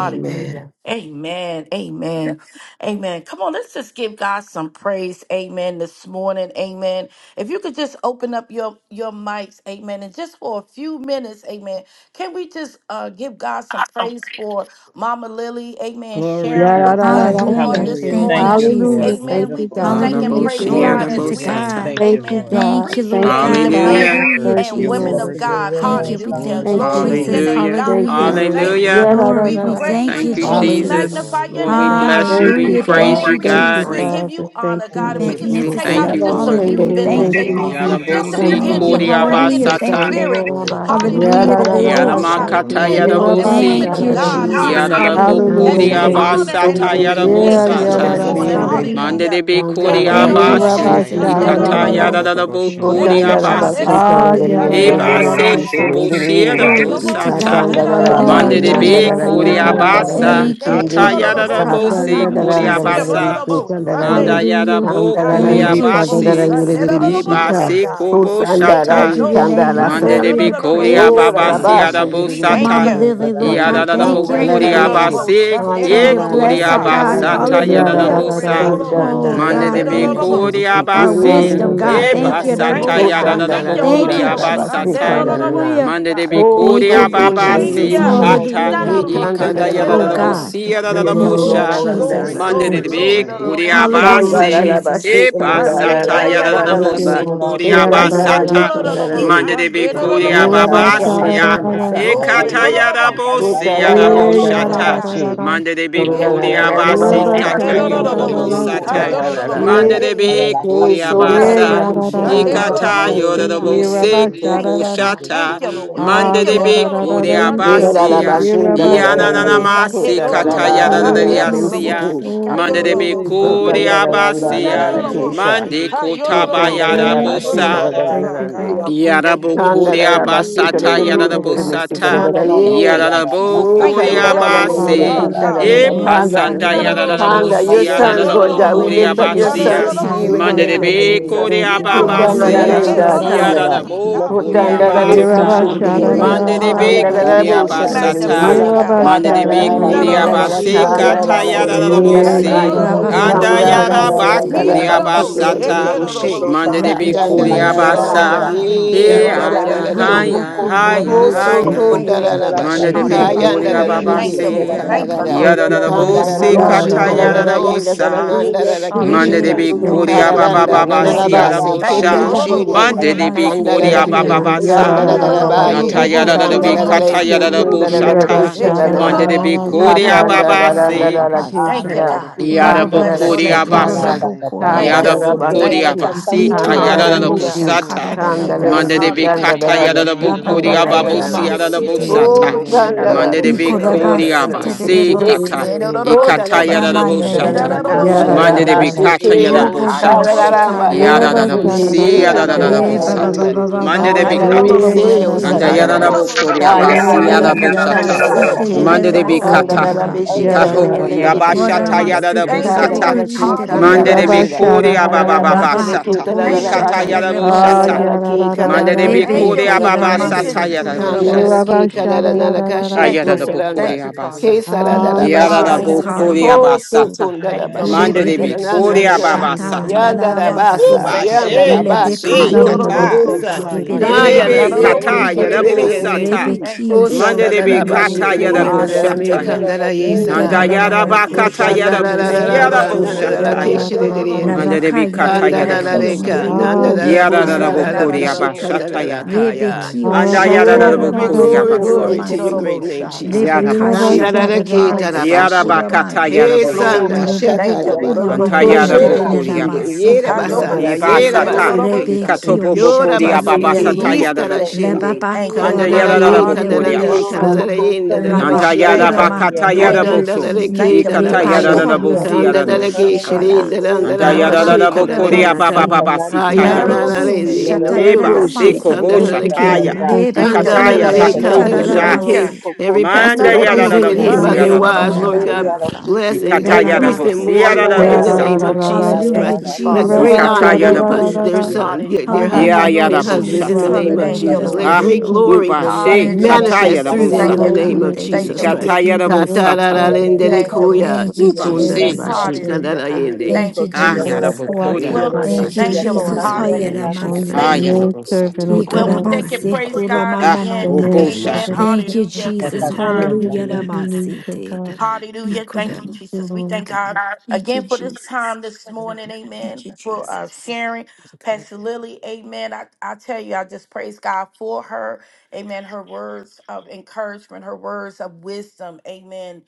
[SPEAKER 2] Amen.
[SPEAKER 1] Amen. Amen. Amen. Come on, let's just give God some praise. Amen. This morning. Amen. If you could just open up your your mics. Amen. And just for a few minutes. Amen. Can we just uh, give God some praise for Mama Lily? Amen.
[SPEAKER 5] Glory
[SPEAKER 1] Sharing
[SPEAKER 5] to
[SPEAKER 1] with
[SPEAKER 5] his name.
[SPEAKER 1] us on
[SPEAKER 3] Hallelujah.
[SPEAKER 1] this
[SPEAKER 5] Hallelujah.
[SPEAKER 4] Yararararashate.
[SPEAKER 3] Thank you,
[SPEAKER 5] Thank
[SPEAKER 1] morning.
[SPEAKER 5] you,
[SPEAKER 4] Hallelujah.
[SPEAKER 5] Lord.
[SPEAKER 3] Jesus.
[SPEAKER 4] Thank
[SPEAKER 1] Amen.
[SPEAKER 4] you,
[SPEAKER 1] We just
[SPEAKER 5] Wonderful.
[SPEAKER 4] God.
[SPEAKER 1] thank and
[SPEAKER 3] Hallelujah.
[SPEAKER 4] Thank you,
[SPEAKER 1] praise
[SPEAKER 3] Glory
[SPEAKER 5] Glory
[SPEAKER 1] God
[SPEAKER 4] Lord.
[SPEAKER 3] be
[SPEAKER 5] to
[SPEAKER 1] as
[SPEAKER 5] your
[SPEAKER 3] to
[SPEAKER 1] we,
[SPEAKER 5] name.
[SPEAKER 6] Adaboshiadabosata.
[SPEAKER 3] God.
[SPEAKER 5] Thank you,
[SPEAKER 4] Thank you,
[SPEAKER 1] Amen,
[SPEAKER 5] Lord.
[SPEAKER 3] Thank
[SPEAKER 4] God.
[SPEAKER 3] you, Lord
[SPEAKER 4] Thank
[SPEAKER 1] appreciate
[SPEAKER 4] you,
[SPEAKER 5] Thank
[SPEAKER 1] the
[SPEAKER 3] God.
[SPEAKER 5] you for
[SPEAKER 6] Hallelujah.
[SPEAKER 1] men
[SPEAKER 4] Father.
[SPEAKER 5] your
[SPEAKER 3] Hallelujah,
[SPEAKER 4] Thank
[SPEAKER 5] word.
[SPEAKER 1] and
[SPEAKER 4] you,
[SPEAKER 5] You're
[SPEAKER 1] women
[SPEAKER 3] Jesus.
[SPEAKER 1] of
[SPEAKER 4] Lord.
[SPEAKER 7] Blessed
[SPEAKER 5] worthy
[SPEAKER 7] be
[SPEAKER 5] of the
[SPEAKER 1] God.
[SPEAKER 7] your
[SPEAKER 3] Thank you.
[SPEAKER 7] name,
[SPEAKER 5] praise,
[SPEAKER 3] We
[SPEAKER 7] Father
[SPEAKER 1] Hallelujah.
[SPEAKER 3] thank
[SPEAKER 5] worthy
[SPEAKER 3] you,
[SPEAKER 4] Thank
[SPEAKER 5] of
[SPEAKER 7] God.
[SPEAKER 5] the
[SPEAKER 1] Glory
[SPEAKER 7] Thank
[SPEAKER 4] you,
[SPEAKER 1] to
[SPEAKER 7] you,
[SPEAKER 1] your
[SPEAKER 3] Jesus.
[SPEAKER 5] glory,
[SPEAKER 1] name.
[SPEAKER 7] Father
[SPEAKER 4] Jesus.
[SPEAKER 6] Hallelujah.
[SPEAKER 7] God.
[SPEAKER 1] God,
[SPEAKER 4] Thank
[SPEAKER 1] we
[SPEAKER 4] you,
[SPEAKER 3] Hallelujah.
[SPEAKER 1] just
[SPEAKER 5] worthy
[SPEAKER 4] Lord.
[SPEAKER 7] Thank
[SPEAKER 5] of
[SPEAKER 1] thank
[SPEAKER 7] you
[SPEAKER 5] the
[SPEAKER 1] you.
[SPEAKER 6] Hallelujah.
[SPEAKER 7] for
[SPEAKER 5] honor.
[SPEAKER 3] Glory.
[SPEAKER 1] We
[SPEAKER 7] honoring
[SPEAKER 3] We
[SPEAKER 7] us. Thank
[SPEAKER 4] Yararararash.
[SPEAKER 7] you,
[SPEAKER 3] thank
[SPEAKER 1] praise
[SPEAKER 5] Hallelujah
[SPEAKER 3] you,
[SPEAKER 1] you,
[SPEAKER 6] Thank
[SPEAKER 5] to
[SPEAKER 6] you,
[SPEAKER 7] Father
[SPEAKER 5] your
[SPEAKER 1] Lord.
[SPEAKER 7] God,
[SPEAKER 1] We
[SPEAKER 5] name,
[SPEAKER 7] for
[SPEAKER 3] Jesus.
[SPEAKER 4] Hallelujah.
[SPEAKER 7] giving
[SPEAKER 6] Jesus.
[SPEAKER 7] the
[SPEAKER 1] magnify
[SPEAKER 5] Lord.
[SPEAKER 1] your
[SPEAKER 6] Lord, we
[SPEAKER 1] name,
[SPEAKER 7] wisdom
[SPEAKER 5] Thank
[SPEAKER 1] God.
[SPEAKER 6] bless
[SPEAKER 5] you,
[SPEAKER 1] We
[SPEAKER 6] you.
[SPEAKER 4] Thank
[SPEAKER 1] give
[SPEAKER 6] We
[SPEAKER 7] and
[SPEAKER 4] you,
[SPEAKER 7] this
[SPEAKER 3] Hallelujah.
[SPEAKER 1] you
[SPEAKER 5] Lord.
[SPEAKER 6] praise
[SPEAKER 3] Thank
[SPEAKER 4] God.
[SPEAKER 6] you,
[SPEAKER 7] pastor,
[SPEAKER 3] you,
[SPEAKER 1] glory.
[SPEAKER 4] Thank
[SPEAKER 5] You're
[SPEAKER 7] Father
[SPEAKER 4] you,
[SPEAKER 6] God.
[SPEAKER 7] God.
[SPEAKER 1] We
[SPEAKER 5] great.
[SPEAKER 3] Jesus.
[SPEAKER 1] give
[SPEAKER 7] Thank you,
[SPEAKER 1] you
[SPEAKER 4] Father.
[SPEAKER 7] Father
[SPEAKER 4] Thank
[SPEAKER 1] honor,
[SPEAKER 4] you,
[SPEAKER 7] God.
[SPEAKER 5] We
[SPEAKER 1] God. If
[SPEAKER 7] You're
[SPEAKER 1] we
[SPEAKER 5] give
[SPEAKER 4] Lord.
[SPEAKER 1] can
[SPEAKER 6] We
[SPEAKER 1] just
[SPEAKER 5] you
[SPEAKER 7] worthy.
[SPEAKER 1] take out
[SPEAKER 6] thank
[SPEAKER 5] honor,
[SPEAKER 3] Magnificent.
[SPEAKER 1] of
[SPEAKER 6] you,
[SPEAKER 1] just
[SPEAKER 7] You
[SPEAKER 5] Lord.
[SPEAKER 1] a
[SPEAKER 6] Lord.
[SPEAKER 7] are
[SPEAKER 1] few
[SPEAKER 3] Hallelujah.
[SPEAKER 7] honored.
[SPEAKER 1] minutes,
[SPEAKER 3] Thank
[SPEAKER 4] Thank
[SPEAKER 7] You are
[SPEAKER 3] you.
[SPEAKER 4] you,
[SPEAKER 5] Wonderful
[SPEAKER 1] amen,
[SPEAKER 5] is
[SPEAKER 4] Jesus.
[SPEAKER 1] just
[SPEAKER 5] your
[SPEAKER 1] to
[SPEAKER 5] name,
[SPEAKER 7] magnified.
[SPEAKER 4] Thank
[SPEAKER 6] Yadabosi
[SPEAKER 7] You
[SPEAKER 4] you,
[SPEAKER 7] are
[SPEAKER 1] begin
[SPEAKER 3] Thank you.
[SPEAKER 1] to
[SPEAKER 5] Father.
[SPEAKER 4] Lord.
[SPEAKER 1] pray in
[SPEAKER 5] Hallelujah.
[SPEAKER 3] Hallelujah.
[SPEAKER 1] the
[SPEAKER 7] exalted.
[SPEAKER 3] Thank
[SPEAKER 6] Kuriabasata.
[SPEAKER 3] you.
[SPEAKER 1] spirit,
[SPEAKER 7] You
[SPEAKER 5] Glory,
[SPEAKER 7] thank you,
[SPEAKER 5] glory,
[SPEAKER 1] hallelujah,
[SPEAKER 7] Father
[SPEAKER 5] glory,
[SPEAKER 7] God,
[SPEAKER 1] over,
[SPEAKER 7] for
[SPEAKER 1] oh
[SPEAKER 7] the
[SPEAKER 5] glory,
[SPEAKER 1] God,
[SPEAKER 3] Hallelujah.
[SPEAKER 1] the
[SPEAKER 7] wisdom
[SPEAKER 6] Yadamakata
[SPEAKER 5] glory.
[SPEAKER 1] men oh,
[SPEAKER 7] found in
[SPEAKER 1] and
[SPEAKER 6] Yadabosi.
[SPEAKER 1] women
[SPEAKER 5] Thank
[SPEAKER 3] Thank
[SPEAKER 7] your
[SPEAKER 1] of
[SPEAKER 5] you,
[SPEAKER 3] you,
[SPEAKER 4] Yararararashate.
[SPEAKER 7] Jesus.
[SPEAKER 1] God,
[SPEAKER 5] Jesus.
[SPEAKER 3] Jesus.
[SPEAKER 7] We
[SPEAKER 1] hallelujah,
[SPEAKER 6] Yadabo
[SPEAKER 7] thank you for
[SPEAKER 3] Hallelujah,
[SPEAKER 1] as
[SPEAKER 4] Hallelujah.
[SPEAKER 5] Yeah,
[SPEAKER 1] we
[SPEAKER 7] keeping
[SPEAKER 4] Thank
[SPEAKER 7] her
[SPEAKER 5] yeah,
[SPEAKER 7] in
[SPEAKER 3] Jesus.
[SPEAKER 4] you,
[SPEAKER 1] honor
[SPEAKER 5] yeah,
[SPEAKER 7] the
[SPEAKER 1] and
[SPEAKER 4] Jesus.
[SPEAKER 6] Kuriabasata
[SPEAKER 7] back
[SPEAKER 5] papa,
[SPEAKER 1] appreciate
[SPEAKER 4] Yeah,
[SPEAKER 3] Thank
[SPEAKER 5] puta,
[SPEAKER 3] you,
[SPEAKER 1] them
[SPEAKER 4] yeah,
[SPEAKER 7] We
[SPEAKER 1] this
[SPEAKER 4] da,
[SPEAKER 5] cadore,
[SPEAKER 6] Yadabosata.
[SPEAKER 4] da,
[SPEAKER 7] thank
[SPEAKER 3] Jesus.
[SPEAKER 4] da,
[SPEAKER 1] morning,
[SPEAKER 7] you,
[SPEAKER 4] da.
[SPEAKER 5] shindy
[SPEAKER 2] [LAUGHS]
[SPEAKER 7] Father
[SPEAKER 5] yeah,
[SPEAKER 7] God,
[SPEAKER 5] ah,
[SPEAKER 3] Hallelujah.
[SPEAKER 6] Mande de
[SPEAKER 1] hallelujah.
[SPEAKER 7] for
[SPEAKER 6] be
[SPEAKER 7] the
[SPEAKER 2] Thank
[SPEAKER 7] things
[SPEAKER 5] ah,
[SPEAKER 7] that
[SPEAKER 5] la,
[SPEAKER 4] Yeah,
[SPEAKER 3] Thank
[SPEAKER 5] ya,
[SPEAKER 3] you,
[SPEAKER 7] you
[SPEAKER 5] ya,
[SPEAKER 7] use
[SPEAKER 5] ya,
[SPEAKER 7] in
[SPEAKER 6] Kuriabasi.
[SPEAKER 5] ya,
[SPEAKER 4] Rabbi,
[SPEAKER 7] your
[SPEAKER 5] ya,
[SPEAKER 3] Jesus.
[SPEAKER 4] sha, da,
[SPEAKER 5] papa,
[SPEAKER 4] da,
[SPEAKER 6] Ikata
[SPEAKER 4] da,
[SPEAKER 5] pepe,
[SPEAKER 4] da,
[SPEAKER 7] past.
[SPEAKER 3] Hallelujah.
[SPEAKER 4] sha.
[SPEAKER 1] Ekerododobo-shandedododobossi.
[SPEAKER 5] cadoro,
[SPEAKER 6] Yadabo
[SPEAKER 4] yeah.
[SPEAKER 5] shindi,
[SPEAKER 3] Thank
[SPEAKER 5] di,
[SPEAKER 1] Thank
[SPEAKER 3] you,
[SPEAKER 1] you,
[SPEAKER 5] bi, e,
[SPEAKER 1] God.
[SPEAKER 3] Jesus.
[SPEAKER 5] e,
[SPEAKER 4] Ah,
[SPEAKER 7] Hallelujah.
[SPEAKER 4] yeah, da,
[SPEAKER 3] Hallelujah.
[SPEAKER 5] ge,
[SPEAKER 4] da, da, da,
[SPEAKER 5] cadoro,
[SPEAKER 6] Ebase
[SPEAKER 4] da, sha.
[SPEAKER 1] Edodobo-shandedododobossi.
[SPEAKER 6] kobo
[SPEAKER 4] yeah.
[SPEAKER 6] shiada
[SPEAKER 3] Glory
[SPEAKER 5] ah,
[SPEAKER 3] be to
[SPEAKER 6] bosata.
[SPEAKER 3] God.
[SPEAKER 5] e, e,
[SPEAKER 4] Oh,
[SPEAKER 3] Hallelujah,
[SPEAKER 6] Mande de
[SPEAKER 5] e,
[SPEAKER 4] yeah,
[SPEAKER 1] Ikayobo-sekerododobossi.
[SPEAKER 5] e.
[SPEAKER 4] da,
[SPEAKER 6] be
[SPEAKER 4] da,
[SPEAKER 3] Jesus.
[SPEAKER 4] da,
[SPEAKER 6] kori
[SPEAKER 4] da, da.
[SPEAKER 5] Glory,
[SPEAKER 1] Nanonobo
[SPEAKER 6] abasa.
[SPEAKER 5] glory,
[SPEAKER 3] Thank you,
[SPEAKER 1] Sunday,
[SPEAKER 5] glory,
[SPEAKER 6] Ataya da
[SPEAKER 3] Jesus.
[SPEAKER 5] glory.
[SPEAKER 6] da
[SPEAKER 1] Nanonobo Sa-
[SPEAKER 6] bose
[SPEAKER 1] God,
[SPEAKER 3] Hallelujah,
[SPEAKER 5] Help
[SPEAKER 1] we
[SPEAKER 6] kori
[SPEAKER 5] us to
[SPEAKER 1] thank you,
[SPEAKER 3] Jesus.
[SPEAKER 5] honor our
[SPEAKER 6] abasa.
[SPEAKER 1] Nanonobo
[SPEAKER 5] husbands even the
[SPEAKER 6] Anda
[SPEAKER 1] Sunday.
[SPEAKER 5] more.
[SPEAKER 3] Hallelujah.
[SPEAKER 1] We
[SPEAKER 6] yarabo
[SPEAKER 1] thank you,
[SPEAKER 3] Thank
[SPEAKER 5] Thank
[SPEAKER 3] you,
[SPEAKER 5] you,
[SPEAKER 1] Nanonobo
[SPEAKER 5] Lord.
[SPEAKER 6] kuriabasi.
[SPEAKER 3] Jesus.
[SPEAKER 1] Sunday,
[SPEAKER 5] Hallelujah.
[SPEAKER 1] Nanonobo
[SPEAKER 3] Hallelujah.
[SPEAKER 1] Say,
[SPEAKER 6] Ibasi
[SPEAKER 1] God.
[SPEAKER 6] kobo
[SPEAKER 5] Thank
[SPEAKER 1] Hey,
[SPEAKER 5] you,
[SPEAKER 3] We
[SPEAKER 1] hey,
[SPEAKER 6] shata.
[SPEAKER 3] give your
[SPEAKER 1] Nobo
[SPEAKER 5] Jesus.
[SPEAKER 3] name the
[SPEAKER 2] you.
[SPEAKER 6] Mande
[SPEAKER 1] Sunday,
[SPEAKER 6] de
[SPEAKER 3] glory and
[SPEAKER 6] be
[SPEAKER 3] the
[SPEAKER 5] Hallelujah.
[SPEAKER 1] Nanonobo
[SPEAKER 2] Oh,
[SPEAKER 3] praise.
[SPEAKER 1] Say,
[SPEAKER 2] la la
[SPEAKER 5] E,
[SPEAKER 3] Thank
[SPEAKER 6] kuriababasi
[SPEAKER 1] God.
[SPEAKER 3] you
[SPEAKER 2] bassa, di
[SPEAKER 5] cadoro,
[SPEAKER 6] yarabo
[SPEAKER 2] di
[SPEAKER 1] We
[SPEAKER 2] di
[SPEAKER 5] sha,
[SPEAKER 3] for
[SPEAKER 2] di
[SPEAKER 5] ya,
[SPEAKER 2] di
[SPEAKER 1] thank
[SPEAKER 6] sata.
[SPEAKER 3] Mama
[SPEAKER 5] ya, ya,
[SPEAKER 1] you.
[SPEAKER 2] di
[SPEAKER 3] Lily,
[SPEAKER 2] di
[SPEAKER 3] Lord God.
[SPEAKER 2] candi,
[SPEAKER 5] papi,
[SPEAKER 1] We
[SPEAKER 5] e,
[SPEAKER 6] Yarabo
[SPEAKER 3] Thank you.
[SPEAKER 2] canda
[SPEAKER 5] e,
[SPEAKER 2] la
[SPEAKER 1] praise you,
[SPEAKER 2] la
[SPEAKER 5] cadoro,
[SPEAKER 2] yendi,
[SPEAKER 3] Hallelujah.
[SPEAKER 1] Nanonobo
[SPEAKER 5] shanda,
[SPEAKER 6] kuriabasi.
[SPEAKER 1] Sunday,
[SPEAKER 3] Continue
[SPEAKER 2] canda
[SPEAKER 6] Ye
[SPEAKER 3] to
[SPEAKER 2] la
[SPEAKER 1] Nanonobo
[SPEAKER 2] la
[SPEAKER 3] bless her,
[SPEAKER 2] la
[SPEAKER 1] Sa,
[SPEAKER 2] la
[SPEAKER 5] Increase.
[SPEAKER 2] la
[SPEAKER 3] God.
[SPEAKER 2] la
[SPEAKER 1] God.
[SPEAKER 2] di
[SPEAKER 6] kuriabasata
[SPEAKER 4] Yeah, da,
[SPEAKER 5] Keiko
[SPEAKER 3] Hallelujah.
[SPEAKER 2] seyan,
[SPEAKER 4] da,
[SPEAKER 6] yarabo
[SPEAKER 4] da,
[SPEAKER 1] Glory,
[SPEAKER 5] Taro
[SPEAKER 4] da,
[SPEAKER 6] sa.
[SPEAKER 4] da,
[SPEAKER 5] Shanda
[SPEAKER 4] sha.
[SPEAKER 2] sunda
[SPEAKER 1] Nanonobo
[SPEAKER 3] Oh
[SPEAKER 4] yeah.
[SPEAKER 2] la
[SPEAKER 1] Say,
[SPEAKER 2] la
[SPEAKER 6] Mande de
[SPEAKER 3] God,
[SPEAKER 2] la
[SPEAKER 6] be
[SPEAKER 2] la la
[SPEAKER 3] thank
[SPEAKER 2] la la
[SPEAKER 1] Nanonobo
[SPEAKER 3] you
[SPEAKER 2] di
[SPEAKER 1] Say,
[SPEAKER 3] for our
[SPEAKER 1] God.
[SPEAKER 2] di
[SPEAKER 6] kuriabasi.
[SPEAKER 2] na
[SPEAKER 3] wisdom,
[SPEAKER 4] Hallelujah.
[SPEAKER 2] da
[SPEAKER 3] God.
[SPEAKER 2] na
[SPEAKER 6] E
[SPEAKER 1] Thank you,
[SPEAKER 4] Thank
[SPEAKER 2] na,
[SPEAKER 3] Thank you,
[SPEAKER 1] Lord.
[SPEAKER 4] you,
[SPEAKER 1] Thank
[SPEAKER 6] basata
[SPEAKER 4] Lord.
[SPEAKER 1] you,
[SPEAKER 5] Keiko
[SPEAKER 1] God.
[SPEAKER 3] Rabosha.
[SPEAKER 5] Taro
[SPEAKER 2] sunda
[SPEAKER 1] Thank
[SPEAKER 2] la la
[SPEAKER 6] yarabo
[SPEAKER 1] you,
[SPEAKER 2] la
[SPEAKER 5] Shanda
[SPEAKER 1] Lord.
[SPEAKER 3] Thank
[SPEAKER 2] la
[SPEAKER 3] you,
[SPEAKER 2] la la
[SPEAKER 1] Nanonobo
[SPEAKER 3] Jesus.
[SPEAKER 2] bassi
[SPEAKER 1] Sunday,
[SPEAKER 6] kuriabasata.
[SPEAKER 2] canda la
[SPEAKER 1] Nanonobo
[SPEAKER 2] na,
[SPEAKER 3] Hallelujah.
[SPEAKER 1] Say,
[SPEAKER 6] Mande de be
[SPEAKER 1] God.
[SPEAKER 2] oh
[SPEAKER 3] Thank you,
[SPEAKER 2] so
[SPEAKER 1] We
[SPEAKER 3] Lord
[SPEAKER 2] kundo lu
[SPEAKER 1] thank
[SPEAKER 2] lu
[SPEAKER 3] Jesus.
[SPEAKER 5] Keiko
[SPEAKER 6] kuriababasi.
[SPEAKER 1] you.
[SPEAKER 5] Taro
[SPEAKER 4] Oh,
[SPEAKER 2] bushi,
[SPEAKER 6] Ata.
[SPEAKER 1] Not
[SPEAKER 3] Hallelujah.
[SPEAKER 1] out
[SPEAKER 2] che
[SPEAKER 1] of
[SPEAKER 4] my
[SPEAKER 1] our
[SPEAKER 5] Shanda
[SPEAKER 2] canda la
[SPEAKER 6] Ikanda
[SPEAKER 1] city,
[SPEAKER 2] la
[SPEAKER 4] thoughts.
[SPEAKER 1] not
[SPEAKER 2] la la
[SPEAKER 3] Oh
[SPEAKER 1] out
[SPEAKER 2] la
[SPEAKER 1] of
[SPEAKER 6] yarabo
[SPEAKER 2] la,
[SPEAKER 1] our
[SPEAKER 3] God,
[SPEAKER 6] si
[SPEAKER 4] Thank
[SPEAKER 1] sea.
[SPEAKER 2] che
[SPEAKER 6] yarabo
[SPEAKER 3] thank
[SPEAKER 4] you,
[SPEAKER 3] you,
[SPEAKER 2] canda
[SPEAKER 1] Glory,
[SPEAKER 2] la
[SPEAKER 6] sha.
[SPEAKER 2] la la la
[SPEAKER 1] glory,
[SPEAKER 3] Jesus.
[SPEAKER 2] la
[SPEAKER 6] Mande
[SPEAKER 2] la
[SPEAKER 1] glory,
[SPEAKER 6] Mande de
[SPEAKER 2] che
[SPEAKER 6] de be
[SPEAKER 1] glory,
[SPEAKER 2] se
[SPEAKER 1] not out of
[SPEAKER 6] be
[SPEAKER 1] our
[SPEAKER 2] Yes,
[SPEAKER 3] Hallelujah,
[SPEAKER 1] Sunday.
[SPEAKER 3] Jesus.
[SPEAKER 6] e
[SPEAKER 1] Sunday,
[SPEAKER 6] basata
[SPEAKER 1] not out
[SPEAKER 6] ya da
[SPEAKER 1] of
[SPEAKER 6] da
[SPEAKER 1] our
[SPEAKER 6] da
[SPEAKER 1] sea.
[SPEAKER 6] bosi
[SPEAKER 4] Lord. Yeah, da,
[SPEAKER 1] He
[SPEAKER 4] da, da,
[SPEAKER 5] Thank
[SPEAKER 1] can
[SPEAKER 5] you,
[SPEAKER 4] da,
[SPEAKER 1] not
[SPEAKER 4] sha.
[SPEAKER 1] out of
[SPEAKER 4] yeah.
[SPEAKER 5] Father.
[SPEAKER 1] our
[SPEAKER 6] Mandedebe
[SPEAKER 1] Sunday, not
[SPEAKER 5] Thank
[SPEAKER 1] out
[SPEAKER 5] you
[SPEAKER 1] of
[SPEAKER 5] for
[SPEAKER 1] our
[SPEAKER 5] your
[SPEAKER 1] sock,
[SPEAKER 5] word
[SPEAKER 7] Tarara,
[SPEAKER 5] on
[SPEAKER 7] saka,
[SPEAKER 1] God.
[SPEAKER 6] Kuriabasi,
[SPEAKER 5] this
[SPEAKER 7] saka,
[SPEAKER 5] morning.
[SPEAKER 4] Yerabashadadadada.
[SPEAKER 7] saka,
[SPEAKER 5] Honor,
[SPEAKER 1] Glory,
[SPEAKER 6] Ebasata
[SPEAKER 1] not out
[SPEAKER 7] abiria,
[SPEAKER 1] of our
[SPEAKER 7] sangari,
[SPEAKER 6] Yadadabosi
[SPEAKER 7] gari,
[SPEAKER 1] shit,
[SPEAKER 5] hallelujah.
[SPEAKER 1] not out
[SPEAKER 7] yororo,
[SPEAKER 4] Yeah,
[SPEAKER 1] of our
[SPEAKER 4] yeah,
[SPEAKER 5] Honor,
[SPEAKER 4] da,
[SPEAKER 1] sock,
[SPEAKER 7] yorora,
[SPEAKER 6] Kuriabasata,
[SPEAKER 1] God.
[SPEAKER 4] da, da, Ye yara da,
[SPEAKER 6] Mandedebe boshata.
[SPEAKER 4] da.
[SPEAKER 5] respect,
[SPEAKER 6] Mande de be Mandedebe
[SPEAKER 5] love,
[SPEAKER 1] Yeah,
[SPEAKER 7] Tororo ho
[SPEAKER 1] not out
[SPEAKER 7] ho
[SPEAKER 1] of our
[SPEAKER 7] sia
[SPEAKER 5] compassion.
[SPEAKER 6] Kuriabasi
[SPEAKER 4] Yoruba,
[SPEAKER 1] Sunday,
[SPEAKER 4] sha,
[SPEAKER 6] Tata
[SPEAKER 7] sigia
[SPEAKER 4] da,
[SPEAKER 1] not
[SPEAKER 6] ya
[SPEAKER 4] da,
[SPEAKER 1] out
[SPEAKER 5] Thank
[SPEAKER 6] da
[SPEAKER 7] ia
[SPEAKER 4] Yeraba
[SPEAKER 1] of
[SPEAKER 4] shara da,
[SPEAKER 6] da
[SPEAKER 7] na
[SPEAKER 5] you.
[SPEAKER 1] our
[SPEAKER 4] da, da,
[SPEAKER 1] sea,
[SPEAKER 7] maloro
[SPEAKER 1] can
[SPEAKER 7] ni
[SPEAKER 6] bosata
[SPEAKER 1] not out
[SPEAKER 4] something.
[SPEAKER 1] of
[SPEAKER 5] Ekadoroshanda
[SPEAKER 7] anaka.
[SPEAKER 1] our
[SPEAKER 5] ya
[SPEAKER 6] Mande
[SPEAKER 5] ya
[SPEAKER 6] de
[SPEAKER 1] shit,
[SPEAKER 5] ya
[SPEAKER 4] Yeah,
[SPEAKER 5] ya
[SPEAKER 1] yeah.
[SPEAKER 6] be Yadabosata,
[SPEAKER 7] Parara
[SPEAKER 5] ya
[SPEAKER 6] Mandedebe
[SPEAKER 5] ya ya
[SPEAKER 7] sakire
[SPEAKER 5] papa.
[SPEAKER 1] Not
[SPEAKER 7] re
[SPEAKER 4] yeah,
[SPEAKER 1] out of
[SPEAKER 4] yeah,
[SPEAKER 6] Kuriabasa,
[SPEAKER 1] our
[SPEAKER 7] sikire
[SPEAKER 5] Ha
[SPEAKER 7] re
[SPEAKER 1] Sunday,
[SPEAKER 5] ta
[SPEAKER 1] not out
[SPEAKER 4] da,
[SPEAKER 1] of
[SPEAKER 5] ta
[SPEAKER 6] Ikata
[SPEAKER 1] our
[SPEAKER 5] ta
[SPEAKER 7] sotire
[SPEAKER 4] Sati.
[SPEAKER 7] re
[SPEAKER 1] sea,
[SPEAKER 4] Ye
[SPEAKER 1] God.
[SPEAKER 4] ye yara
[SPEAKER 7] sikire
[SPEAKER 4] da,
[SPEAKER 6] Yadabosi
[SPEAKER 5] kodoroshanda
[SPEAKER 4] da, da, da, something. Yoruba,
[SPEAKER 7] ni
[SPEAKER 4] sha,
[SPEAKER 5] bi bi
[SPEAKER 4] da,
[SPEAKER 1] Thank you,
[SPEAKER 4] da,
[SPEAKER 7] ani
[SPEAKER 5] bi
[SPEAKER 4] da.
[SPEAKER 1] God.
[SPEAKER 7] ani
[SPEAKER 5] bi
[SPEAKER 1] Thank
[SPEAKER 6] Koboshata,
[SPEAKER 1] you,
[SPEAKER 7] kumi
[SPEAKER 1] Lord.
[SPEAKER 5] bi
[SPEAKER 7] ani
[SPEAKER 4] Ah,
[SPEAKER 1] Thank
[SPEAKER 6] Mande
[SPEAKER 1] you,
[SPEAKER 6] de
[SPEAKER 1] Lord.
[SPEAKER 4] yeah,
[SPEAKER 1] Not
[SPEAKER 6] be
[SPEAKER 4] da,
[SPEAKER 1] out
[SPEAKER 4] da,
[SPEAKER 1] of
[SPEAKER 4] da,
[SPEAKER 1] our
[SPEAKER 6] kuri
[SPEAKER 4] da,
[SPEAKER 5] bi ro ro
[SPEAKER 7] ni
[SPEAKER 4] you
[SPEAKER 5] ro
[SPEAKER 1] Sunday,
[SPEAKER 7] re
[SPEAKER 5] ro ro
[SPEAKER 7] se
[SPEAKER 1] God.
[SPEAKER 4] something.
[SPEAKER 7] se
[SPEAKER 6] abasia.
[SPEAKER 5] papa bi
[SPEAKER 7] si
[SPEAKER 4] Yoruba, sha,
[SPEAKER 6] Iana na
[SPEAKER 4] da,
[SPEAKER 6] na
[SPEAKER 4] da,
[SPEAKER 7] tarara
[SPEAKER 5] kadoroshanda
[SPEAKER 4] da.
[SPEAKER 5] bi
[SPEAKER 1] Ishate
[SPEAKER 6] masi
[SPEAKER 5] bi
[SPEAKER 7] sakata
[SPEAKER 5] bi.
[SPEAKER 1] rororobo
[SPEAKER 6] kataya
[SPEAKER 7] sire
[SPEAKER 6] da da
[SPEAKER 7] ni
[SPEAKER 6] da
[SPEAKER 1] san
[SPEAKER 4] Oh,
[SPEAKER 7] re
[SPEAKER 1] de
[SPEAKER 5] Ekadoroshanda ya
[SPEAKER 7] kumi
[SPEAKER 4] glory,
[SPEAKER 1] rororobo
[SPEAKER 6] yasia.
[SPEAKER 7] ani.
[SPEAKER 5] papa.
[SPEAKER 1] sika
[SPEAKER 4] oh,
[SPEAKER 6] Mande de
[SPEAKER 4] glory.
[SPEAKER 6] be
[SPEAKER 1] yororobo san.
[SPEAKER 4] Thank
[SPEAKER 5] Hmm,
[SPEAKER 4] you,
[SPEAKER 6] kuri
[SPEAKER 5] Ha ta ta
[SPEAKER 4] God.
[SPEAKER 5] ta bi
[SPEAKER 4] Thank
[SPEAKER 5] bi bi
[SPEAKER 4] you,
[SPEAKER 6] abasia.
[SPEAKER 7] ni
[SPEAKER 4] God.
[SPEAKER 7] na
[SPEAKER 1] Narorobo
[SPEAKER 7] ra.
[SPEAKER 5] bi
[SPEAKER 6] Mande
[SPEAKER 5] bi.
[SPEAKER 1] sika yororobo
[SPEAKER 7] ni
[SPEAKER 5] Ekadoroshanda
[SPEAKER 6] kotabaya da
[SPEAKER 5] ya
[SPEAKER 7] ra
[SPEAKER 5] ya
[SPEAKER 1] sika
[SPEAKER 4] Oh,
[SPEAKER 5] ya ya ya ya
[SPEAKER 6] bosa.
[SPEAKER 4] Jesus.
[SPEAKER 5] ya
[SPEAKER 1] yororobo
[SPEAKER 4] Thank
[SPEAKER 1] san,
[SPEAKER 5] papa.
[SPEAKER 7] ma
[SPEAKER 4] you,
[SPEAKER 7] sia
[SPEAKER 1] God.
[SPEAKER 4] God. Thank you,
[SPEAKER 5] Ya
[SPEAKER 6] Yarabo
[SPEAKER 5] ya
[SPEAKER 7] kukosi
[SPEAKER 4] God.
[SPEAKER 5] ya
[SPEAKER 7] se
[SPEAKER 5] ya
[SPEAKER 6] Korea
[SPEAKER 2] Kandara
[SPEAKER 7] si
[SPEAKER 5] ya ya
[SPEAKER 1] Mm,
[SPEAKER 5] ya
[SPEAKER 2] basika
[SPEAKER 5] ya
[SPEAKER 2] da
[SPEAKER 7] si
[SPEAKER 6] Basata,
[SPEAKER 2] da
[SPEAKER 5] ya
[SPEAKER 7] ro
[SPEAKER 2] da
[SPEAKER 4] Thank
[SPEAKER 1] mm,
[SPEAKER 5] ya
[SPEAKER 4] you,
[SPEAKER 6] Yarabo
[SPEAKER 2] da
[SPEAKER 7] ro
[SPEAKER 2] da
[SPEAKER 5] ya
[SPEAKER 1] mm,
[SPEAKER 4] Father.
[SPEAKER 2] misika
[SPEAKER 5] ya.
[SPEAKER 2] da
[SPEAKER 6] Sata,
[SPEAKER 2] da
[SPEAKER 4] Thank
[SPEAKER 1] mm,
[SPEAKER 2] da
[SPEAKER 4] you.
[SPEAKER 1] mm.
[SPEAKER 7] Mananana,
[SPEAKER 2] ye.
[SPEAKER 1] Thank you,
[SPEAKER 7] Yabaka,
[SPEAKER 6] Yarabo
[SPEAKER 1] Jesus.
[SPEAKER 2] Ye
[SPEAKER 1] Thank you,
[SPEAKER 5] Ekadoroshan,
[SPEAKER 7] Kasi,
[SPEAKER 6] Korea
[SPEAKER 1] Lord.
[SPEAKER 2] kandara la la
[SPEAKER 1] Rororobo
[SPEAKER 2] da
[SPEAKER 7] Ethereal,
[SPEAKER 2] da
[SPEAKER 1] sha,
[SPEAKER 6] Basi,
[SPEAKER 2] kita
[SPEAKER 4] Hallelujah.
[SPEAKER 2] da
[SPEAKER 1] God.
[SPEAKER 2] da
[SPEAKER 4] Thank you,
[SPEAKER 3] Glory.
[SPEAKER 7] Ethereal,
[SPEAKER 4] Jesus.
[SPEAKER 6] Ebasanda
[SPEAKER 4] Thank
[SPEAKER 3] Hallelujah,
[SPEAKER 4] you,
[SPEAKER 7] Yoko,
[SPEAKER 1] Narorobo
[SPEAKER 4] Lord.
[SPEAKER 6] Yarabo
[SPEAKER 2] Father,
[SPEAKER 6] Si,
[SPEAKER 2] your
[SPEAKER 3] Jesus.
[SPEAKER 1] sika
[SPEAKER 7] Manan,
[SPEAKER 2] sons, Lord
[SPEAKER 6] Yarabo
[SPEAKER 7] Yoro,
[SPEAKER 2] God, we
[SPEAKER 1] yororobo
[SPEAKER 6] Korea
[SPEAKER 2] lift up
[SPEAKER 3] Hallelujah,
[SPEAKER 4] Thank
[SPEAKER 2] your
[SPEAKER 7] Kukusia,
[SPEAKER 1] sika
[SPEAKER 4] you,
[SPEAKER 7] Tia,
[SPEAKER 6] Basia,
[SPEAKER 3] Jesus.
[SPEAKER 2] sons to
[SPEAKER 1] rororobo
[SPEAKER 2] you
[SPEAKER 4] Jesus.
[SPEAKER 2] in the
[SPEAKER 1] san,
[SPEAKER 6] Mande
[SPEAKER 7] Kukusia,
[SPEAKER 4] Thank
[SPEAKER 3] Hallelujah.
[SPEAKER 6] de
[SPEAKER 2] name
[SPEAKER 4] you,
[SPEAKER 2] of
[SPEAKER 7] Tia,
[SPEAKER 1] God.
[SPEAKER 6] Be
[SPEAKER 4] Lord.
[SPEAKER 2] Jesus.
[SPEAKER 4] Thank
[SPEAKER 6] Korea
[SPEAKER 7] Kukomini,
[SPEAKER 4] you,
[SPEAKER 7] Anishi,
[SPEAKER 1] Yinabo
[SPEAKER 4] God.
[SPEAKER 2] Kutanda da
[SPEAKER 3] Hallelujah,
[SPEAKER 7] Yoro,
[SPEAKER 4] Yada
[SPEAKER 6] Babasia,
[SPEAKER 4] da
[SPEAKER 2] da
[SPEAKER 1] sheke
[SPEAKER 4] da
[SPEAKER 2] da
[SPEAKER 4] da da.
[SPEAKER 3] Jesus.
[SPEAKER 2] kanda
[SPEAKER 1] rororobo
[SPEAKER 7] Kukasia,
[SPEAKER 2] da.
[SPEAKER 4] Thank you.
[SPEAKER 6] Yarabo
[SPEAKER 1] sika. We
[SPEAKER 7] Messi,
[SPEAKER 6] Korea
[SPEAKER 3] Glory
[SPEAKER 1] thank
[SPEAKER 2] Kutanda da
[SPEAKER 3] be
[SPEAKER 1] you.
[SPEAKER 3] to
[SPEAKER 2] da
[SPEAKER 7] Yoro,
[SPEAKER 2] tu
[SPEAKER 3] God.
[SPEAKER 2] shi
[SPEAKER 4] Yeraba
[SPEAKER 6] Basta,
[SPEAKER 2] da
[SPEAKER 1] We
[SPEAKER 7] Kukusia,
[SPEAKER 2] da
[SPEAKER 4] shada da
[SPEAKER 1] praise
[SPEAKER 2] da.
[SPEAKER 3] Hallelujah,
[SPEAKER 1] you.
[SPEAKER 4] da
[SPEAKER 6] Mande
[SPEAKER 4] da
[SPEAKER 6] de
[SPEAKER 7] Nanana,
[SPEAKER 4] da.
[SPEAKER 6] Be
[SPEAKER 2] Kanda da
[SPEAKER 1] Hallelujah.
[SPEAKER 4] Thank
[SPEAKER 2] da
[SPEAKER 4] you.
[SPEAKER 6] Korea
[SPEAKER 2] bu shi
[SPEAKER 1] We
[SPEAKER 7] Kasaya,
[SPEAKER 2] da da
[SPEAKER 1] magnify
[SPEAKER 3] Jesus.
[SPEAKER 2] da.
[SPEAKER 6] Basata,
[SPEAKER 1] you,
[SPEAKER 7] Manana
[SPEAKER 1] God.
[SPEAKER 4] Yeraba
[SPEAKER 6] Mande de
[SPEAKER 2] Kata
[SPEAKER 4] shada
[SPEAKER 2] da
[SPEAKER 6] Be
[SPEAKER 7] Kasaya,
[SPEAKER 4] da
[SPEAKER 2] da
[SPEAKER 3] Oh,
[SPEAKER 4] da da.
[SPEAKER 2] da
[SPEAKER 6] Korea
[SPEAKER 2] da
[SPEAKER 7] Kasia,
[SPEAKER 2] da
[SPEAKER 1] Ndarorobo
[SPEAKER 7] Tia,
[SPEAKER 6] Basi,
[SPEAKER 2] kanda da
[SPEAKER 6] Kata
[SPEAKER 2] da.
[SPEAKER 7] Rakani,
[SPEAKER 3] Rabashikuramasa.
[SPEAKER 1] shanderorobo
[SPEAKER 7] Yoro,
[SPEAKER 2] Kunda
[SPEAKER 6] Yarabo
[SPEAKER 1] sika
[SPEAKER 4] Eh,
[SPEAKER 7] Tu,
[SPEAKER 6] Si,
[SPEAKER 4] Yada da
[SPEAKER 1] yororobo
[SPEAKER 4] da
[SPEAKER 7] Kandi,
[SPEAKER 4] da.
[SPEAKER 6] Anda
[SPEAKER 1] si.
[SPEAKER 7] Yoro,
[SPEAKER 3] Rababakore
[SPEAKER 4] Thank
[SPEAKER 2] Kanda da
[SPEAKER 4] you.
[SPEAKER 7] Sosia,
[SPEAKER 2] da
[SPEAKER 3] amase
[SPEAKER 6] Yaraba
[SPEAKER 2] da da da
[SPEAKER 7] Tia,
[SPEAKER 6] Korea
[SPEAKER 2] basika
[SPEAKER 1] Hidarorobo
[SPEAKER 7] Kakandi,
[SPEAKER 2] da
[SPEAKER 3] terereboshi.
[SPEAKER 2] da da
[SPEAKER 7] Tia,
[SPEAKER 6] Basata.
[SPEAKER 2] bu
[SPEAKER 7] the
[SPEAKER 1] shekerorobo
[SPEAKER 2] shi.
[SPEAKER 7] Dosa,
[SPEAKER 6] Mande de
[SPEAKER 1] sa.
[SPEAKER 6] be
[SPEAKER 4] Thank
[SPEAKER 7] Kasia,
[SPEAKER 4] you,
[SPEAKER 2] Katanda da
[SPEAKER 3] Rebekio
[SPEAKER 7] Kandi,
[SPEAKER 4] Lord.
[SPEAKER 2] da da da da
[SPEAKER 1] Ndarorobo
[SPEAKER 2] da da
[SPEAKER 3] shatara
[SPEAKER 7] Rasa,
[SPEAKER 6] kuriabasa, e
[SPEAKER 3] ramase.
[SPEAKER 2] da da
[SPEAKER 7] Maria
[SPEAKER 2] da
[SPEAKER 1] shekerorobo
[SPEAKER 6] aya
[SPEAKER 2] da
[SPEAKER 1] sa.
[SPEAKER 2] da.
[SPEAKER 7] Rito
[SPEAKER 6] haya
[SPEAKER 7] Coco
[SPEAKER 3] Roboboko
[SPEAKER 7] Fia
[SPEAKER 6] haya
[SPEAKER 7] Fia the
[SPEAKER 2] Hoso
[SPEAKER 4] Thank
[SPEAKER 1] Glory to
[SPEAKER 6] haya.
[SPEAKER 7] Coco
[SPEAKER 4] you,
[SPEAKER 1] your
[SPEAKER 7] Nia
[SPEAKER 3] ramasite.
[SPEAKER 1] name,
[SPEAKER 7] de
[SPEAKER 2] kundarara
[SPEAKER 7] la
[SPEAKER 4] Jesus.
[SPEAKER 1] Jesus.
[SPEAKER 6] Mande
[SPEAKER 2] bashi
[SPEAKER 4] Thank
[SPEAKER 6] de
[SPEAKER 7] Satia
[SPEAKER 6] be
[SPEAKER 4] you,
[SPEAKER 7] de la
[SPEAKER 4] Lord.
[SPEAKER 1] Hallelujah.
[SPEAKER 7] Fia
[SPEAKER 3] Rebabakore
[SPEAKER 2] kayandarara
[SPEAKER 7] Fia
[SPEAKER 1] Thank you,
[SPEAKER 7] de
[SPEAKER 2] nakete
[SPEAKER 3] amasite
[SPEAKER 1] Lord.
[SPEAKER 7] la
[SPEAKER 6] kuriababase,
[SPEAKER 1] Thank you,
[SPEAKER 3] rama.
[SPEAKER 2] kandarara
[SPEAKER 7] Tacania
[SPEAKER 4] Thank
[SPEAKER 6] yada
[SPEAKER 1] Father.
[SPEAKER 4] you,
[SPEAKER 6] da
[SPEAKER 7] no
[SPEAKER 6] da
[SPEAKER 4] God.
[SPEAKER 7] Nia
[SPEAKER 2] kandarara
[SPEAKER 6] bosi
[SPEAKER 7] Nia of
[SPEAKER 4] Yada
[SPEAKER 2] bishi
[SPEAKER 1] Glory,
[SPEAKER 4] da
[SPEAKER 6] kata
[SPEAKER 3] Lamando
[SPEAKER 4] da
[SPEAKER 7] Coco
[SPEAKER 1] glory,
[SPEAKER 6] yada
[SPEAKER 4] da.
[SPEAKER 6] da
[SPEAKER 2] dararara
[SPEAKER 7] Nia.
[SPEAKER 1] glory to your
[SPEAKER 2] yendarara
[SPEAKER 3] roroboshi.
[SPEAKER 1] name,
[SPEAKER 6] bosa.
[SPEAKER 7] Nia the
[SPEAKER 1] Jesus.
[SPEAKER 2] nandarara
[SPEAKER 7] Shiki
[SPEAKER 6] Mande de
[SPEAKER 1] Hallelujah.
[SPEAKER 2] keshirin
[SPEAKER 7] Fia
[SPEAKER 5] Bye
[SPEAKER 6] be
[SPEAKER 5] bye
[SPEAKER 7] de
[SPEAKER 4] Thank
[SPEAKER 7] la
[SPEAKER 3] Rebekio
[SPEAKER 5] baby
[SPEAKER 4] you,
[SPEAKER 5] baby
[SPEAKER 7] Coco
[SPEAKER 5] baby
[SPEAKER 2] kararanda
[SPEAKER 3] shatara
[SPEAKER 7] Toto
[SPEAKER 4] Jesus.
[SPEAKER 5] baby baby
[SPEAKER 4] Thank
[SPEAKER 7] Fia
[SPEAKER 3] raba.
[SPEAKER 1] Thank
[SPEAKER 6] kuriababababasi
[SPEAKER 4] you,
[SPEAKER 1] you,
[SPEAKER 7] Nia
[SPEAKER 6] yada
[SPEAKER 1] Lord.
[SPEAKER 7] da
[SPEAKER 2] nanarabase
[SPEAKER 4] Lord.
[SPEAKER 5] baby
[SPEAKER 2] kere
[SPEAKER 1] Thank you,
[SPEAKER 6] bosha.
[SPEAKER 7] Pandia
[SPEAKER 5] baby
[SPEAKER 7] Fia
[SPEAKER 1] Lord.
[SPEAKER 2] kushindi
[SPEAKER 3] Robobokore
[SPEAKER 6] Mande de be
[SPEAKER 7] Takaka
[SPEAKER 3] amasite
[SPEAKER 4] Thank
[SPEAKER 7] Toya.
[SPEAKER 2] kandarara
[SPEAKER 4] you,
[SPEAKER 1] Thank you,
[SPEAKER 2] king
[SPEAKER 4] Lord.
[SPEAKER 1] God.
[SPEAKER 7] Esta
[SPEAKER 4] Yada
[SPEAKER 3] rereboshi.
[SPEAKER 6] kuriabababasa,
[SPEAKER 4] da da
[SPEAKER 2] kandarara
[SPEAKER 7] Fia de
[SPEAKER 4] da da.
[SPEAKER 1] Ndarorobo
[SPEAKER 7] la
[SPEAKER 2] baye
[SPEAKER 6] yata
[SPEAKER 7] Fia
[SPEAKER 4] Thank
[SPEAKER 6] yada
[SPEAKER 4] you.
[SPEAKER 6] da
[SPEAKER 3] Roboboko
[SPEAKER 6] da be
[SPEAKER 1] shekerorobo
[SPEAKER 2] kandarara
[SPEAKER 6] kata
[SPEAKER 1] sa,
[SPEAKER 3] ramasite
[SPEAKER 6] yada
[SPEAKER 2] kete
[SPEAKER 6] da
[SPEAKER 1] God.
[SPEAKER 7] de la
[SPEAKER 2] kandarara
[SPEAKER 7] Coco
[SPEAKER 4] Yeraba
[SPEAKER 6] boshata.
[SPEAKER 3] yereboshi.
[SPEAKER 7] Fia de
[SPEAKER 4] shada
[SPEAKER 7] la
[SPEAKER 4] da
[SPEAKER 6] Mande
[SPEAKER 4] da
[SPEAKER 2] bishanana
[SPEAKER 6] de
[SPEAKER 4] da
[SPEAKER 6] be
[SPEAKER 4] da.
[SPEAKER 7] Satia
[SPEAKER 4] Thank you.
[SPEAKER 7] Fia de la
[SPEAKER 3] Roboboko
[SPEAKER 7] Sa.
[SPEAKER 1] Ekerodoboshikayobose.
[SPEAKER 6] kuriababase.
[SPEAKER 2] katandarara
[SPEAKER 7] Ah,
[SPEAKER 3] rabababase.
[SPEAKER 1] Thank you,
[SPEAKER 7] ya la
[SPEAKER 2] keshara
[SPEAKER 1] God.
[SPEAKER 7] Fia.
[SPEAKER 1] Bless
[SPEAKER 2] kandarara
[SPEAKER 1] your
[SPEAKER 6] Yarabokori
[SPEAKER 3] Rababasu
[SPEAKER 2] king
[SPEAKER 1] name,
[SPEAKER 4] Thank
[SPEAKER 7] Takaka
[SPEAKER 4] you.
[SPEAKER 1] Jesus.
[SPEAKER 6] abasa.
[SPEAKER 3] Torabo
[SPEAKER 5] baby.
[SPEAKER 1] Thank you,
[SPEAKER 2] kandarara
[SPEAKER 1] Lord.
[SPEAKER 5] Thank
[SPEAKER 3] Korabasite
[SPEAKER 2] bashi
[SPEAKER 5] you,
[SPEAKER 6] Yarabokori
[SPEAKER 1] Thank you,
[SPEAKER 2] king
[SPEAKER 5] Lord.
[SPEAKER 4] Thank
[SPEAKER 1] God.
[SPEAKER 4] you, Jesus.
[SPEAKER 6] abasita.
[SPEAKER 3] Yito
[SPEAKER 5] Hallelujah.
[SPEAKER 2] kandarara
[SPEAKER 4] Thank
[SPEAKER 3] Rabo
[SPEAKER 4] you,
[SPEAKER 1] Hallelujah.
[SPEAKER 4] Lord.
[SPEAKER 2] bishi
[SPEAKER 5] Glory
[SPEAKER 6] Yarabosata.
[SPEAKER 5] to
[SPEAKER 1] Thank
[SPEAKER 5] your
[SPEAKER 1] you,
[SPEAKER 2] Kanda da
[SPEAKER 7] Ayara
[SPEAKER 2] da
[SPEAKER 1] God.
[SPEAKER 5] name.
[SPEAKER 6] Mande
[SPEAKER 3] Shakarabos
[SPEAKER 6] de be
[SPEAKER 2] kanda da
[SPEAKER 6] kata
[SPEAKER 2] da
[SPEAKER 1] Hallelujah.
[SPEAKER 5] You're
[SPEAKER 2] bi
[SPEAKER 5] wonderful,
[SPEAKER 6] yarabokori
[SPEAKER 2] kanda da
[SPEAKER 1] Thank
[SPEAKER 2] da
[SPEAKER 1] you,
[SPEAKER 3] Rababakura
[SPEAKER 2] da
[SPEAKER 5] Father.
[SPEAKER 6] ababosi
[SPEAKER 2] da.
[SPEAKER 1] Father.
[SPEAKER 3] Masita de
[SPEAKER 5] Hey, yeah,
[SPEAKER 6] yarabosata.
[SPEAKER 2] Oh,
[SPEAKER 5] yeah,
[SPEAKER 3] Rabosh
[SPEAKER 5] yeah, yeah,
[SPEAKER 2] Sandara,
[SPEAKER 5] yeah,
[SPEAKER 6] Mande de
[SPEAKER 5] yeah,
[SPEAKER 6] be
[SPEAKER 5] yeah,
[SPEAKER 1] Inaroboshe,
[SPEAKER 5] pa,
[SPEAKER 1] God.
[SPEAKER 5] pa,
[SPEAKER 6] kori
[SPEAKER 5] pa,
[SPEAKER 2] Shikadana,
[SPEAKER 3] Ikorabasita
[SPEAKER 5] pa,
[SPEAKER 3] de
[SPEAKER 2] okay,
[SPEAKER 5] pa.
[SPEAKER 6] abasi
[SPEAKER 2] Shireka.
[SPEAKER 6] kata.
[SPEAKER 3] Rabosi
[SPEAKER 5] Hey,
[SPEAKER 2] Oh,
[SPEAKER 5] hey,
[SPEAKER 6] Ikata
[SPEAKER 1] Enerodoboshe.
[SPEAKER 2] Daraba,
[SPEAKER 5] Kadoro
[SPEAKER 3] Ramanda
[SPEAKER 5] Shanda,
[SPEAKER 2] Shikadana,
[SPEAKER 5] yeah, da,
[SPEAKER 6] yarabosata.
[SPEAKER 3] de
[SPEAKER 5] pa, pa,
[SPEAKER 4] Yeah, da,
[SPEAKER 5] pa.
[SPEAKER 4] da,
[SPEAKER 1] Iraroboshe,
[SPEAKER 6] Mande
[SPEAKER 4] da,
[SPEAKER 3] Koshata
[SPEAKER 6] de be
[SPEAKER 4] da,
[SPEAKER 1] God.
[SPEAKER 4] da.
[SPEAKER 2] Shikea.
[SPEAKER 3] Robo
[SPEAKER 6] kata
[SPEAKER 1] Ikayobose,
[SPEAKER 2] Kararamba,
[SPEAKER 3] Boshikana
[SPEAKER 4] Yeah,
[SPEAKER 3] de
[SPEAKER 6] Yada
[SPEAKER 2] Yaramba,
[SPEAKER 1] God.
[SPEAKER 6] da
[SPEAKER 4] da, da,
[SPEAKER 6] da bo
[SPEAKER 4] da,
[SPEAKER 5] Be be
[SPEAKER 2] Siki,
[SPEAKER 3] Raboshe
[SPEAKER 6] si
[SPEAKER 4] da, da,
[SPEAKER 6] yada
[SPEAKER 2] Yerikin,
[SPEAKER 5] be
[SPEAKER 6] da da
[SPEAKER 5] be
[SPEAKER 4] da.
[SPEAKER 6] da
[SPEAKER 3] Re
[SPEAKER 6] bo
[SPEAKER 3] Baba
[SPEAKER 1] Inaroboshe.
[SPEAKER 2] Shikaranda.
[SPEAKER 3] Baba
[SPEAKER 5] be
[SPEAKER 3] Baba
[SPEAKER 6] Mande de
[SPEAKER 2] Kanda,
[SPEAKER 3] Baba
[SPEAKER 2] Darabi,
[SPEAKER 6] bicata.
[SPEAKER 4] Yeah,
[SPEAKER 3] Korea
[SPEAKER 2] Se,
[SPEAKER 4] yeah,
[SPEAKER 2] O
[SPEAKER 1] Ikayororoboshe.
[SPEAKER 4] da,
[SPEAKER 3] Mandi
[SPEAKER 4] da,
[SPEAKER 3] de
[SPEAKER 6] Anda
[SPEAKER 4] da, da,
[SPEAKER 6] yada da
[SPEAKER 4] da.
[SPEAKER 2] Sadarama.
[SPEAKER 6] bo
[SPEAKER 3] Rabosi
[SPEAKER 1] Ikayororoboshe,
[SPEAKER 6] koria basi
[SPEAKER 2] Tayanda,
[SPEAKER 1] God.
[SPEAKER 3] Ye
[SPEAKER 6] yada
[SPEAKER 4] Mhm.
[SPEAKER 6] bo
[SPEAKER 2] Darabi, Kanda, Darabi,
[SPEAKER 1] Woo.
[SPEAKER 3] karabasite de
[SPEAKER 7] kashi,
[SPEAKER 2] King.
[SPEAKER 1] Thank
[SPEAKER 6] Mande
[SPEAKER 1] you,
[SPEAKER 6] de
[SPEAKER 4] Thank
[SPEAKER 2] Kanda,
[SPEAKER 4] you,
[SPEAKER 1] Lord.
[SPEAKER 6] bicata.
[SPEAKER 3] derabasata de de
[SPEAKER 4] Lord.
[SPEAKER 2] Darabi,
[SPEAKER 3] de
[SPEAKER 4] Yeah,
[SPEAKER 7] ayara
[SPEAKER 4] da,
[SPEAKER 3] kusha.
[SPEAKER 6] Ikaho
[SPEAKER 4] da,
[SPEAKER 2] Shikadana,
[SPEAKER 4] da,
[SPEAKER 2] and the
[SPEAKER 7] kashi,
[SPEAKER 4] da, da.
[SPEAKER 2] Dedikin,
[SPEAKER 6] yabashata
[SPEAKER 2] Sharanda.
[SPEAKER 6] yada da
[SPEAKER 3] Horamasite
[SPEAKER 6] bo
[SPEAKER 3] de
[SPEAKER 1] Thank
[SPEAKER 3] de
[SPEAKER 1] you,
[SPEAKER 2] Kanda,
[SPEAKER 3] de
[SPEAKER 1] Lord.
[SPEAKER 3] kuche
[SPEAKER 7] ayara
[SPEAKER 2] Daraki,
[SPEAKER 3] de de
[SPEAKER 7] kashi.
[SPEAKER 4] Yeah,
[SPEAKER 2] Kanda,
[SPEAKER 1] Hallelujah,
[SPEAKER 6] Mande
[SPEAKER 4] da,
[SPEAKER 6] de
[SPEAKER 4] da,
[SPEAKER 1] God.
[SPEAKER 2] Rayeva.
[SPEAKER 3] ramasho.
[SPEAKER 4] da, da,
[SPEAKER 6] bikuria baba
[SPEAKER 2] Kararaba,
[SPEAKER 4] da.
[SPEAKER 6] baba
[SPEAKER 3] Labaha
[SPEAKER 6] sata.
[SPEAKER 2] Shikadana,
[SPEAKER 1] Thank you,
[SPEAKER 3] paposha
[SPEAKER 6] Ikata
[SPEAKER 1] Lord.
[SPEAKER 2] Darabashi.
[SPEAKER 6] yada bo
[SPEAKER 2] Kanda,
[SPEAKER 4] Ah,
[SPEAKER 3] tadarabosi.
[SPEAKER 4] yeah, da,
[SPEAKER 2] Daraki,
[SPEAKER 4] da, da,
[SPEAKER 2] Kanda,
[SPEAKER 4] da,
[SPEAKER 6] Mande de
[SPEAKER 4] da.
[SPEAKER 1] Thank
[SPEAKER 2] Daraki,
[SPEAKER 3] Lebe
[SPEAKER 1] you,
[SPEAKER 6] bikuria
[SPEAKER 2] Kanda,
[SPEAKER 1] Lord.
[SPEAKER 6] baba
[SPEAKER 1] Thank
[SPEAKER 2] Daraki,
[SPEAKER 1] you,
[SPEAKER 6] sata
[SPEAKER 3] kiramaso
[SPEAKER 6] yada
[SPEAKER 1] Jesus.
[SPEAKER 6] bo sha.
[SPEAKER 4] Yeah,
[SPEAKER 2] Andala
[SPEAKER 4] da,
[SPEAKER 3] todaraboso
[SPEAKER 2] ke kadala
[SPEAKER 4] da, da,
[SPEAKER 2] nala
[SPEAKER 3] todarabosi.
[SPEAKER 4] da, da,
[SPEAKER 6] Ata
[SPEAKER 4] da,
[SPEAKER 2] kashiri
[SPEAKER 1] Thank you,
[SPEAKER 6] yada
[SPEAKER 4] da.
[SPEAKER 6] da bo
[SPEAKER 1] Lord.
[SPEAKER 2] kusaranda.
[SPEAKER 1] Thank you,
[SPEAKER 6] koria
[SPEAKER 1] Father.
[SPEAKER 6] basa.
[SPEAKER 2] Ke
[SPEAKER 4] Ah,
[SPEAKER 3] Thank
[SPEAKER 2] saradala
[SPEAKER 3] you,
[SPEAKER 4] yeah, da,
[SPEAKER 6] Yada da
[SPEAKER 4] da,
[SPEAKER 2] basha.
[SPEAKER 3] Jesus.
[SPEAKER 6] bo
[SPEAKER 4] da, da.
[SPEAKER 1] Hallelujah.
[SPEAKER 3] Haya
[SPEAKER 2] Ho
[SPEAKER 3] baso.
[SPEAKER 6] basata.
[SPEAKER 2] sukundala
[SPEAKER 1] Thank you, Lord.
[SPEAKER 2] bashika
[SPEAKER 6] Mande de
[SPEAKER 3] Rebebe
[SPEAKER 2] kadala nanda
[SPEAKER 3] kio
[SPEAKER 6] bikuria
[SPEAKER 2] nana.
[SPEAKER 6] baba
[SPEAKER 4] Thank you,
[SPEAKER 3] shata
[SPEAKER 6] sata.
[SPEAKER 4] Lord.
[SPEAKER 2] Yandala
[SPEAKER 1] Yes, God.
[SPEAKER 6] Woo
[SPEAKER 2] basa.
[SPEAKER 3] lalamaso.
[SPEAKER 6] ba
[SPEAKER 1] Thank you, Lord.
[SPEAKER 6] she
[SPEAKER 2] Yandala
[SPEAKER 6] ba
[SPEAKER 3] Lebe
[SPEAKER 2] bashi.
[SPEAKER 6] se
[SPEAKER 3] kando
[SPEAKER 2] Yukuru
[SPEAKER 7] Sofia,
[SPEAKER 4] Mm-hmm.
[SPEAKER 6] kata.
[SPEAKER 1] Narorobose,
[SPEAKER 3] dodokush.
[SPEAKER 2] gusa.
[SPEAKER 7] Sofia,
[SPEAKER 1] God.
[SPEAKER 4] Thank
[SPEAKER 3] Lebe de
[SPEAKER 4] you,
[SPEAKER 3] de de
[SPEAKER 7] siete,
[SPEAKER 2] Kaya
[SPEAKER 4] God.
[SPEAKER 6] Mandelebe
[SPEAKER 2] nande
[SPEAKER 4] Thank
[SPEAKER 5] be
[SPEAKER 7] Silvia,
[SPEAKER 3] masi.
[SPEAKER 4] you,
[SPEAKER 5] be
[SPEAKER 6] kata
[SPEAKER 4] Lord.
[SPEAKER 7] Ricky,
[SPEAKER 2] krishina
[SPEAKER 1] Narorobosande,
[SPEAKER 2] dere
[SPEAKER 6] yarabo
[SPEAKER 1] God.
[SPEAKER 7] Lolo,
[SPEAKER 2] yende.
[SPEAKER 6] sata.
[SPEAKER 5] be.
[SPEAKER 7] Steve,
[SPEAKER 1] Thank you,
[SPEAKER 3] Rebekio
[SPEAKER 1] Lord.
[SPEAKER 7] Ishi,
[SPEAKER 2] Kusanda
[SPEAKER 6] Mandelebe
[SPEAKER 2] dala
[SPEAKER 4] Thank
[SPEAKER 7] Silvia,
[SPEAKER 4] you,
[SPEAKER 6] kata
[SPEAKER 7] Lele,
[SPEAKER 2] bashikere
[SPEAKER 4] Lord.
[SPEAKER 3] shotorabokura
[SPEAKER 6] yarabo
[SPEAKER 2] yende
[SPEAKER 4] Thank you,
[SPEAKER 7] Sofia,
[SPEAKER 2] dere
[SPEAKER 4] Lord.
[SPEAKER 2] mi
[SPEAKER 1] Hallelujah,
[SPEAKER 6] shata
[SPEAKER 3] basite.
[SPEAKER 7] Shana,
[SPEAKER 6] ya.
[SPEAKER 1] God.
[SPEAKER 7] Nana,
[SPEAKER 2] kandala
[SPEAKER 4] Thank you,
[SPEAKER 7] Mary,
[SPEAKER 5] Baby,
[SPEAKER 2] yesara.
[SPEAKER 6] Nanda
[SPEAKER 5] baby,
[SPEAKER 7] Nana,
[SPEAKER 3] Itananana
[SPEAKER 5] baby,
[SPEAKER 6] yaraba
[SPEAKER 7] Sunny,
[SPEAKER 1] Narorobose.
[SPEAKER 6] kata
[SPEAKER 3] kosha
[SPEAKER 7] Eso,
[SPEAKER 5] baby. Hey,
[SPEAKER 6] yarabo
[SPEAKER 7] Tony,
[SPEAKER 5] come
[SPEAKER 1] Thank you,
[SPEAKER 4] Thank
[SPEAKER 7] Ana,
[SPEAKER 5] on,
[SPEAKER 2] Utandararararamba,
[SPEAKER 4] you,
[SPEAKER 1] Lord.
[SPEAKER 6] siyarabo
[SPEAKER 5] shut up,
[SPEAKER 4] God.
[SPEAKER 7] Nanita,
[SPEAKER 1] Narorobose,
[SPEAKER 4] Yeah,
[SPEAKER 6] shata
[SPEAKER 4] da,
[SPEAKER 7] Gia,
[SPEAKER 3] tadarabasotodobo.
[SPEAKER 6] ya.
[SPEAKER 4] da,
[SPEAKER 1] God.
[SPEAKER 4] da, da,
[SPEAKER 7] Nelson,
[SPEAKER 1] Yororobose,
[SPEAKER 4] da,
[SPEAKER 2] nanararakeşereleriyendin.
[SPEAKER 1] God.
[SPEAKER 6] Mandelebe
[SPEAKER 4] da.
[SPEAKER 3] Labakaya
[SPEAKER 7] and
[SPEAKER 6] kata
[SPEAKER 7] yes, so
[SPEAKER 1] Thank you,
[SPEAKER 6] yarabo
[SPEAKER 3] rebekio
[SPEAKER 7] Fatty,
[SPEAKER 1] Lord.
[SPEAKER 6] sa.
[SPEAKER 7] yes,
[SPEAKER 2] Tandararareka,
[SPEAKER 1] Thank
[SPEAKER 7] so
[SPEAKER 1] you,
[SPEAKER 4] Ah,
[SPEAKER 3] murorobo
[SPEAKER 4] yeah,
[SPEAKER 7] Kitty,
[SPEAKER 1] Jesus.
[SPEAKER 4] da, da,
[SPEAKER 7] Sia,
[SPEAKER 4] da,
[SPEAKER 6] Yarabo
[SPEAKER 4] da,
[SPEAKER 7] Tata,
[SPEAKER 4] da.
[SPEAKER 6] kori
[SPEAKER 3] shikarabasi.
[SPEAKER 7] Sia,
[SPEAKER 6] yaba
[SPEAKER 7] Rara,
[SPEAKER 6] shata
[SPEAKER 1] Narorobose,
[SPEAKER 5] baby.
[SPEAKER 7] Sia,
[SPEAKER 1] God.
[SPEAKER 2] nandararabusararabişikandarararakaya.
[SPEAKER 7] Rara,
[SPEAKER 4] Ah,
[SPEAKER 3] Rebekio
[SPEAKER 6] Anda
[SPEAKER 4] rabba,
[SPEAKER 1] Mm.
[SPEAKER 4] sha, da,
[SPEAKER 7] yes,
[SPEAKER 6] yarabo
[SPEAKER 2] Glory,
[SPEAKER 7] so
[SPEAKER 4] da,
[SPEAKER 3] shatarama
[SPEAKER 4] da,
[SPEAKER 6] kori
[SPEAKER 4] da,
[SPEAKER 2] glory,
[SPEAKER 6] yaba
[SPEAKER 7] Studio,
[SPEAKER 4] da.
[SPEAKER 6] sa.
[SPEAKER 7] Lolo,
[SPEAKER 2] glory to your
[SPEAKER 7] Coco,
[SPEAKER 3] sokoramasi.
[SPEAKER 2] great
[SPEAKER 7] Coco,
[SPEAKER 2] name,
[SPEAKER 1] Ekerorobose,
[SPEAKER 7] Sia,
[SPEAKER 2] Jesus.
[SPEAKER 1] God.
[SPEAKER 7] Rara,
[SPEAKER 4] Yee,
[SPEAKER 6] Yarabo
[SPEAKER 3] Rebeka
[SPEAKER 4] rabba,
[SPEAKER 6] si.
[SPEAKER 4] sha, da, da, da,
[SPEAKER 3] shatarama
[SPEAKER 7] oh,
[SPEAKER 1] Hallelujah.
[SPEAKER 4] da.
[SPEAKER 7] Tata,
[SPEAKER 2] Tandararaketarabashin.
[SPEAKER 6] Yaraba
[SPEAKER 7] Papa,
[SPEAKER 6] kata
[SPEAKER 3] sokoramande.
[SPEAKER 2] Hey,
[SPEAKER 7] Sia,
[SPEAKER 6] yarabo
[SPEAKER 7] Lolo,
[SPEAKER 6] shata.
[SPEAKER 2] Sanda,
[SPEAKER 1] Glory.
[SPEAKER 7] Papa, Sia,
[SPEAKER 1] Thank you,
[SPEAKER 2] Shakaraba.
[SPEAKER 1] Lord.
[SPEAKER 7] Sia,
[SPEAKER 4] Thank you,
[SPEAKER 7] Tata,
[SPEAKER 3] Robobokuramane
[SPEAKER 7] Nana,
[SPEAKER 6] Antayada
[SPEAKER 1] Ororoboshe,
[SPEAKER 4] God.
[SPEAKER 1] God.
[SPEAKER 7] Nana,
[SPEAKER 4] Thank you.
[SPEAKER 6] bokoria
[SPEAKER 2] Koshererekinde,
[SPEAKER 3] tedenama
[SPEAKER 6] basa.
[SPEAKER 7] Tata, Sia,
[SPEAKER 2] yerebasanda,
[SPEAKER 7] Rara,
[SPEAKER 3] sokoramasi.
[SPEAKER 1] Ikayobose,
[SPEAKER 7] Sia,
[SPEAKER 6] Ibasata.
[SPEAKER 7] Lolo,
[SPEAKER 2] yerebaseke.
[SPEAKER 1] terororobosha.
[SPEAKER 4] Thank
[SPEAKER 3] Rebekio
[SPEAKER 6] Ikatobo
[SPEAKER 4] you. Thank
[SPEAKER 6] bokoria
[SPEAKER 2] Yorabaseke,
[SPEAKER 1] Yes,
[SPEAKER 7] Ekiyororo
[SPEAKER 6] babasata
[SPEAKER 4] you.
[SPEAKER 3] shatayerebe.
[SPEAKER 1] God.
[SPEAKER 6] yada da
[SPEAKER 7] kokoya
[SPEAKER 6] bosa.
[SPEAKER 7] rerere
[SPEAKER 2] istarashinde.
[SPEAKER 1] Thank you,
[SPEAKER 7] siyori
[SPEAKER 6] Anda
[SPEAKER 1] Lord.
[SPEAKER 6] yada
[SPEAKER 3] Rebabakoramande
[SPEAKER 6] da
[SPEAKER 2] Kandararaye,
[SPEAKER 7] yarite.
[SPEAKER 6] bokoria
[SPEAKER 1] Hallelujah.
[SPEAKER 2] kandarane,
[SPEAKER 7] Mororo
[SPEAKER 3] rebosha.
[SPEAKER 6] basata.
[SPEAKER 7] koko
[SPEAKER 4] Hallelujah.
[SPEAKER 7] kane
[SPEAKER 4] Thank
[SPEAKER 3] Rabba
[SPEAKER 4] you,
[SPEAKER 7] asaka
[SPEAKER 6] Antayada
[SPEAKER 1] Thank you,
[SPEAKER 2] kandararayendarabeşeya.
[SPEAKER 4] Jesus.
[SPEAKER 7] saki
[SPEAKER 3] kurama
[SPEAKER 1] Lord.
[SPEAKER 6] bakata
[SPEAKER 7] yari
[SPEAKER 4] Thank
[SPEAKER 6] yada
[SPEAKER 1] Thank you,
[SPEAKER 4] you,
[SPEAKER 7] yaroko.
[SPEAKER 2] Kutanda
[SPEAKER 6] boso.
[SPEAKER 2] da
[SPEAKER 3] dedereki
[SPEAKER 1] Jesus. Thank
[SPEAKER 4] Lord.
[SPEAKER 2] reke
[SPEAKER 1] you,
[SPEAKER 2] da la
[SPEAKER 1] Lord.
[SPEAKER 6] Ikata
[SPEAKER 7] Every day
[SPEAKER 3] lepa
[SPEAKER 1] Thank
[SPEAKER 6] yada
[SPEAKER 1] you,
[SPEAKER 7] I
[SPEAKER 4] Thank
[SPEAKER 2] bashin.
[SPEAKER 6] da
[SPEAKER 4] you,
[SPEAKER 1] God.
[SPEAKER 7] see,
[SPEAKER 3] kono
[SPEAKER 7] I
[SPEAKER 6] bosi
[SPEAKER 3] do
[SPEAKER 4] God.
[SPEAKER 7] see
[SPEAKER 2] Kanda
[SPEAKER 6] yada
[SPEAKER 7] it's
[SPEAKER 2] da
[SPEAKER 7] a son
[SPEAKER 2] reke
[SPEAKER 1] Bless
[SPEAKER 7] and
[SPEAKER 1] your
[SPEAKER 6] dosata.
[SPEAKER 7] that
[SPEAKER 1] name,
[SPEAKER 2] shirin
[SPEAKER 3] tushikada.
[SPEAKER 7] name.
[SPEAKER 2] da la
[SPEAKER 1] Jesus.
[SPEAKER 7] Every
[SPEAKER 4] Thank
[SPEAKER 7] day,
[SPEAKER 4] you,
[SPEAKER 6] Antayada
[SPEAKER 7] folks,
[SPEAKER 3] Rabba
[SPEAKER 2] bashi
[SPEAKER 6] da
[SPEAKER 4] God.
[SPEAKER 1] Terororobosha.
[SPEAKER 7] I
[SPEAKER 2] kada
[SPEAKER 7] see
[SPEAKER 2] la
[SPEAKER 7] that.
[SPEAKER 2] na
[SPEAKER 4] Thank
[SPEAKER 6] bokoria
[SPEAKER 4] you,
[SPEAKER 6] baba
[SPEAKER 3] korabasi.
[SPEAKER 4] God.
[SPEAKER 7] And I see
[SPEAKER 6] babasita
[SPEAKER 2] Kaya
[SPEAKER 7] all of
[SPEAKER 6] yada
[SPEAKER 2] la
[SPEAKER 7] those
[SPEAKER 2] la
[SPEAKER 4] Mhm.
[SPEAKER 6] bos.
[SPEAKER 7] things.
[SPEAKER 3] Rabekio
[SPEAKER 1] Narororobose,
[SPEAKER 7] See
[SPEAKER 2] rendi
[SPEAKER 7] that, that
[SPEAKER 2] no
[SPEAKER 1] God.
[SPEAKER 7] I
[SPEAKER 2] no no
[SPEAKER 7] see,
[SPEAKER 6] Eba
[SPEAKER 7] I see
[SPEAKER 2] bushi.
[SPEAKER 7] it,
[SPEAKER 6] seko
[SPEAKER 7] that's
[SPEAKER 2] Kanda
[SPEAKER 7] that,
[SPEAKER 2] da
[SPEAKER 4] Thank
[SPEAKER 3] shatadadamasoko.
[SPEAKER 7] that,
[SPEAKER 4] you,
[SPEAKER 2] reke
[SPEAKER 1] Yes,
[SPEAKER 6] boshataya.
[SPEAKER 4] God.
[SPEAKER 1] God.
[SPEAKER 4] Thank you,
[SPEAKER 1] Thank you,
[SPEAKER 2] Kanda la
[SPEAKER 1] Lord.
[SPEAKER 4] God.
[SPEAKER 3] Rebekio
[SPEAKER 2] la
[SPEAKER 6] Ikataya
[SPEAKER 4] Thank
[SPEAKER 1] Thank
[SPEAKER 4] you,
[SPEAKER 1] you,
[SPEAKER 2] kanda
[SPEAKER 4] God.
[SPEAKER 1] Lord.
[SPEAKER 6] hakobo
[SPEAKER 2] la la
[SPEAKER 6] sha.
[SPEAKER 1] Thank you.
[SPEAKER 3] shitadadamasi.
[SPEAKER 2] Every pastor
[SPEAKER 6] Manda yada
[SPEAKER 3] E
[SPEAKER 6] da
[SPEAKER 2] represented here
[SPEAKER 1] Narororobosha,
[SPEAKER 6] bosi
[SPEAKER 2] by their
[SPEAKER 6] yada
[SPEAKER 3] koramasi
[SPEAKER 6] da
[SPEAKER 2] wives,
[SPEAKER 4] Mhm.
[SPEAKER 2] Lord
[SPEAKER 7] No,
[SPEAKER 6] bosata.
[SPEAKER 1] terororobose,
[SPEAKER 7] it
[SPEAKER 2] God,
[SPEAKER 7] a
[SPEAKER 1] God.
[SPEAKER 3] tadadamasa.
[SPEAKER 7] fruit
[SPEAKER 2] bless and
[SPEAKER 7] in it, I
[SPEAKER 1] Thank you,
[SPEAKER 6] Ikataya da
[SPEAKER 7] mean.
[SPEAKER 3] Rababa
[SPEAKER 2] increase
[SPEAKER 1] Lord.
[SPEAKER 2] them
[SPEAKER 6] bosi
[SPEAKER 2] more
[SPEAKER 7] And
[SPEAKER 2] and
[SPEAKER 6] yada
[SPEAKER 7] na,
[SPEAKER 6] da
[SPEAKER 2] more
[SPEAKER 7] na,
[SPEAKER 4] Yeah,
[SPEAKER 2] in
[SPEAKER 1] Thank
[SPEAKER 7] na,
[SPEAKER 3] koshata.
[SPEAKER 2] the
[SPEAKER 1] you,
[SPEAKER 4] da,
[SPEAKER 7] na,
[SPEAKER 4] da,
[SPEAKER 2] name
[SPEAKER 1] Lord.
[SPEAKER 4] da,
[SPEAKER 6] bosata.
[SPEAKER 7] sha,
[SPEAKER 2] of
[SPEAKER 7] sha,
[SPEAKER 4] da, da,
[SPEAKER 7] sha,
[SPEAKER 2] Jesus
[SPEAKER 7] ya,
[SPEAKER 4] sha,
[SPEAKER 3] Hallelujah,
[SPEAKER 2] Christ.
[SPEAKER 7] na,
[SPEAKER 1] Thank
[SPEAKER 4] da.
[SPEAKER 1] you,
[SPEAKER 7] na, na,
[SPEAKER 4] Yee,
[SPEAKER 2] Let
[SPEAKER 1] Father.
[SPEAKER 7] na,
[SPEAKER 3] Jesus.
[SPEAKER 2] great
[SPEAKER 7] na,
[SPEAKER 4] rabba,
[SPEAKER 7] sha,
[SPEAKER 2] honor
[SPEAKER 4] sha,
[SPEAKER 6] Ikataya
[SPEAKER 7] sha,
[SPEAKER 4] da,
[SPEAKER 2] be
[SPEAKER 6] da
[SPEAKER 4] da,
[SPEAKER 3] Hallelujah.
[SPEAKER 7] see
[SPEAKER 4] da,
[SPEAKER 2] upon
[SPEAKER 7] it,
[SPEAKER 4] da,
[SPEAKER 2] their
[SPEAKER 4] da.
[SPEAKER 7] see it.
[SPEAKER 6] boshataya.
[SPEAKER 2] son, their,
[SPEAKER 7] Ha,
[SPEAKER 2] their
[SPEAKER 1] Hallelujah.
[SPEAKER 7] ha,
[SPEAKER 2] husband.
[SPEAKER 3] Hallelujah,
[SPEAKER 7] ha,
[SPEAKER 4] Oh,
[SPEAKER 6] Yaya
[SPEAKER 7] for-
[SPEAKER 3] Lord
[SPEAKER 6] da
[SPEAKER 4] Lord,
[SPEAKER 2] Their
[SPEAKER 7] for- for-
[SPEAKER 4] use
[SPEAKER 2] husbands in
[SPEAKER 3] Jesus.
[SPEAKER 2] the
[SPEAKER 7] see
[SPEAKER 6] boshata.
[SPEAKER 7] it,
[SPEAKER 4] Rob,
[SPEAKER 7] that,
[SPEAKER 2] name of
[SPEAKER 1] Thank
[SPEAKER 3] Hallelujah,
[SPEAKER 1] you,
[SPEAKER 2] Jesus.
[SPEAKER 4] Lord,
[SPEAKER 5] Hmm.
[SPEAKER 2] Let
[SPEAKER 1] Lord.
[SPEAKER 6] Ah,
[SPEAKER 2] great
[SPEAKER 4] use
[SPEAKER 3] Rabasho.
[SPEAKER 4] him, oh
[SPEAKER 2] glory
[SPEAKER 4] God.
[SPEAKER 7] Biriya,
[SPEAKER 6] ubashi.
[SPEAKER 3] Thank you,
[SPEAKER 7] yada
[SPEAKER 1] Hallelujah,
[SPEAKER 6] Kataya
[SPEAKER 2] manifest
[SPEAKER 6] da
[SPEAKER 7] sasa
[SPEAKER 2] through
[SPEAKER 3] Jesus.
[SPEAKER 1] Jesus.
[SPEAKER 4] Through the
[SPEAKER 2] them
[SPEAKER 1] Thank
[SPEAKER 2] in
[SPEAKER 1] you,
[SPEAKER 6] bosa.
[SPEAKER 2] the
[SPEAKER 7] sasa
[SPEAKER 4] mold
[SPEAKER 7] kia,
[SPEAKER 1] God.
[SPEAKER 2] name
[SPEAKER 4] him
[SPEAKER 3] Hallelujah.
[SPEAKER 2] of
[SPEAKER 4] and
[SPEAKER 3] Thank you,
[SPEAKER 1] Thank
[SPEAKER 4] shape
[SPEAKER 1] you,
[SPEAKER 2] Jesus
[SPEAKER 4] him to
[SPEAKER 1] Lord.
[SPEAKER 2] Christ.
[SPEAKER 3] Jesus.
[SPEAKER 7] kia
[SPEAKER 4] be
[SPEAKER 6] Ikataya
[SPEAKER 7] to
[SPEAKER 6] da
[SPEAKER 4] the
[SPEAKER 7] to
[SPEAKER 4] man
[SPEAKER 7] to
[SPEAKER 4] of God
[SPEAKER 6] bosataya.
[SPEAKER 7] kia na
[SPEAKER 4] that you're
[SPEAKER 7] na
[SPEAKER 2] Katararalendere
[SPEAKER 1] Thank
[SPEAKER 7] na
[SPEAKER 1] you,
[SPEAKER 4] calling
[SPEAKER 7] na
[SPEAKER 1] Lord.
[SPEAKER 2] kuya
[SPEAKER 4] for
[SPEAKER 3] Thank you,
[SPEAKER 4] these
[SPEAKER 7] kia te
[SPEAKER 4] last
[SPEAKER 6] Ubashi
[SPEAKER 3] Jesus.
[SPEAKER 4] and
[SPEAKER 7] kaniya.
[SPEAKER 4] evil
[SPEAKER 2] kundarabashi
[SPEAKER 6] kataya.
[SPEAKER 4] days.
[SPEAKER 1] Hallelujah, God.
[SPEAKER 2] kadarayende
[SPEAKER 7] Biriya
[SPEAKER 3] Thank
[SPEAKER 1] Thank
[SPEAKER 3] you,
[SPEAKER 1] you,
[SPEAKER 7] sasa
[SPEAKER 4] Oh
[SPEAKER 6] Ah,
[SPEAKER 1] Jesus.
[SPEAKER 6] yada
[SPEAKER 7] yada
[SPEAKER 4] God,
[SPEAKER 3] Jesus.
[SPEAKER 4] pour
[SPEAKER 7] sasa
[SPEAKER 4] out
[SPEAKER 6] bokori
[SPEAKER 4] your
[SPEAKER 7] kia
[SPEAKER 1] Well,
[SPEAKER 4] God,
[SPEAKER 2] kandarandarakayarabashi
[SPEAKER 4] your
[SPEAKER 7] yada
[SPEAKER 3] Thank you,
[SPEAKER 6] abasata.
[SPEAKER 1] thank
[SPEAKER 7] kia
[SPEAKER 1] you,
[SPEAKER 7] te
[SPEAKER 4] wisdom
[SPEAKER 1] Lord.
[SPEAKER 3] Jesus.
[SPEAKER 7] kaniya na
[SPEAKER 1] Hallelujah.
[SPEAKER 7] na
[SPEAKER 2] kandarararaneshi
[SPEAKER 4] on
[SPEAKER 7] kia
[SPEAKER 6] Ah,
[SPEAKER 4] your
[SPEAKER 7] yada
[SPEAKER 1] Ladies,
[SPEAKER 6] yada
[SPEAKER 3] Hayaramasikiri.
[SPEAKER 4] man
[SPEAKER 2] karanaraku
[SPEAKER 7] to
[SPEAKER 4] servant, oh
[SPEAKER 6] bosataya.
[SPEAKER 1] well, we
[SPEAKER 4] God,
[SPEAKER 1] thank and
[SPEAKER 2] kotararabashi
[SPEAKER 3] Ikarabase
[SPEAKER 1] praise God
[SPEAKER 7] to
[SPEAKER 6] Ah,
[SPEAKER 4] your
[SPEAKER 1] again.
[SPEAKER 7] kia
[SPEAKER 3] kuramamamana.
[SPEAKER 4] man
[SPEAKER 1] Amen.
[SPEAKER 6] obosha.
[SPEAKER 2] katarameshi
[SPEAKER 4] servant, oh
[SPEAKER 3] Thank you,
[SPEAKER 4] God.
[SPEAKER 1] Hallelujah. For
[SPEAKER 3] Jesus.
[SPEAKER 7] te
[SPEAKER 1] this
[SPEAKER 4] Give him the
[SPEAKER 7] kia
[SPEAKER 1] time.
[SPEAKER 3] Hallelujah.
[SPEAKER 4] wisdom he
[SPEAKER 2] katarandarakundarandarakata
[SPEAKER 4] needs,
[SPEAKER 7] sasa.
[SPEAKER 4] oh
[SPEAKER 3] Ramasite.
[SPEAKER 4] God.
[SPEAKER 1] Hallelujah. Thank you,
[SPEAKER 3] Ikurama.
[SPEAKER 2] katarandarakundarandarakata
[SPEAKER 1] Jesus. We
[SPEAKER 4] Shalom.
[SPEAKER 1] thank God
[SPEAKER 3] Thank you,
[SPEAKER 1] again for this
[SPEAKER 3] Jesus.
[SPEAKER 1] time this morning.
[SPEAKER 3] Thank
[SPEAKER 1] Amen.
[SPEAKER 3] you,
[SPEAKER 1] For
[SPEAKER 3] Jesus.
[SPEAKER 1] uh,
[SPEAKER 2] katarandarakundarandarakata.
[SPEAKER 1] sharing. Pastor Lily, amen. I, I tell you, I just praise God for her. Amen. Her words of encouragement, her words of wisdom. Amen.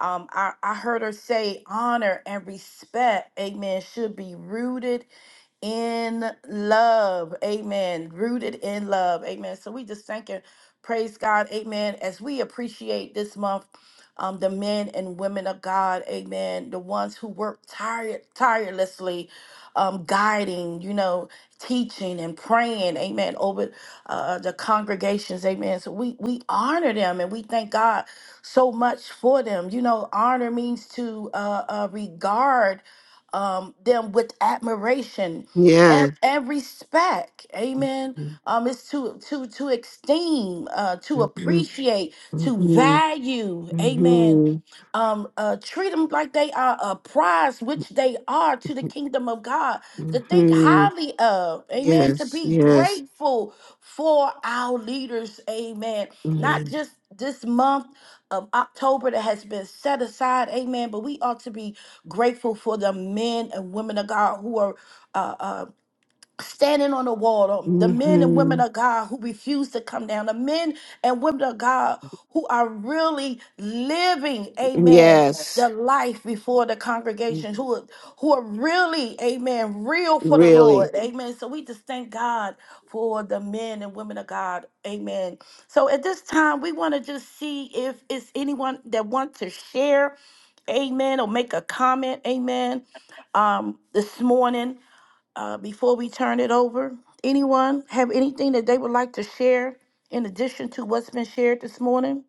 [SPEAKER 1] Um, I, I heard her say honor and respect, amen, should be rooted in love. Amen. Rooted in love. Amen. So we just thank and praise God. Amen. As we appreciate this month, um, the men and women of God. Amen. The ones who work tired, tirelessly, um, guiding, you know, teaching and praying. Amen. Over uh, uh, the congregations. Amen. So we, we honor them and we thank God so much for them. You know, honor means to uh, uh, regard um, them with admiration
[SPEAKER 2] Yeah.
[SPEAKER 1] ev- every speck amen um it's to to to esteem uh to
[SPEAKER 2] Mhm,
[SPEAKER 1] appreciate to
[SPEAKER 2] mhm,
[SPEAKER 1] value amen
[SPEAKER 2] mhm,
[SPEAKER 1] um uh treat them like they are a prize which they are to the kingdom of god to think
[SPEAKER 2] mhm.
[SPEAKER 1] highly of amen to
[SPEAKER 2] Yes,
[SPEAKER 1] be
[SPEAKER 2] yes.
[SPEAKER 1] grateful for our leaders amen not
[SPEAKER 2] Amen.
[SPEAKER 1] just this month of October that has been set aside, amen. But we ought to be grateful for the men and women of God who are uh, uh, standing on the wall, the men and women
[SPEAKER 2] hmm
[SPEAKER 1] of God who refuse to come down, the men and women of God who are really living, amen,
[SPEAKER 2] Yes.
[SPEAKER 1] the life before the congregation, who are, who are really, amen, real for the Lord,
[SPEAKER 2] Really?
[SPEAKER 1] amen. So we just thank God for the men and women of God, amen. So at this time, we want to just see if it's anyone that wants to share, amen, or make a comment, amen, um, this morning uh, before we turn it over, anyone have anything that they would like to share in addition to what's been shared this morning?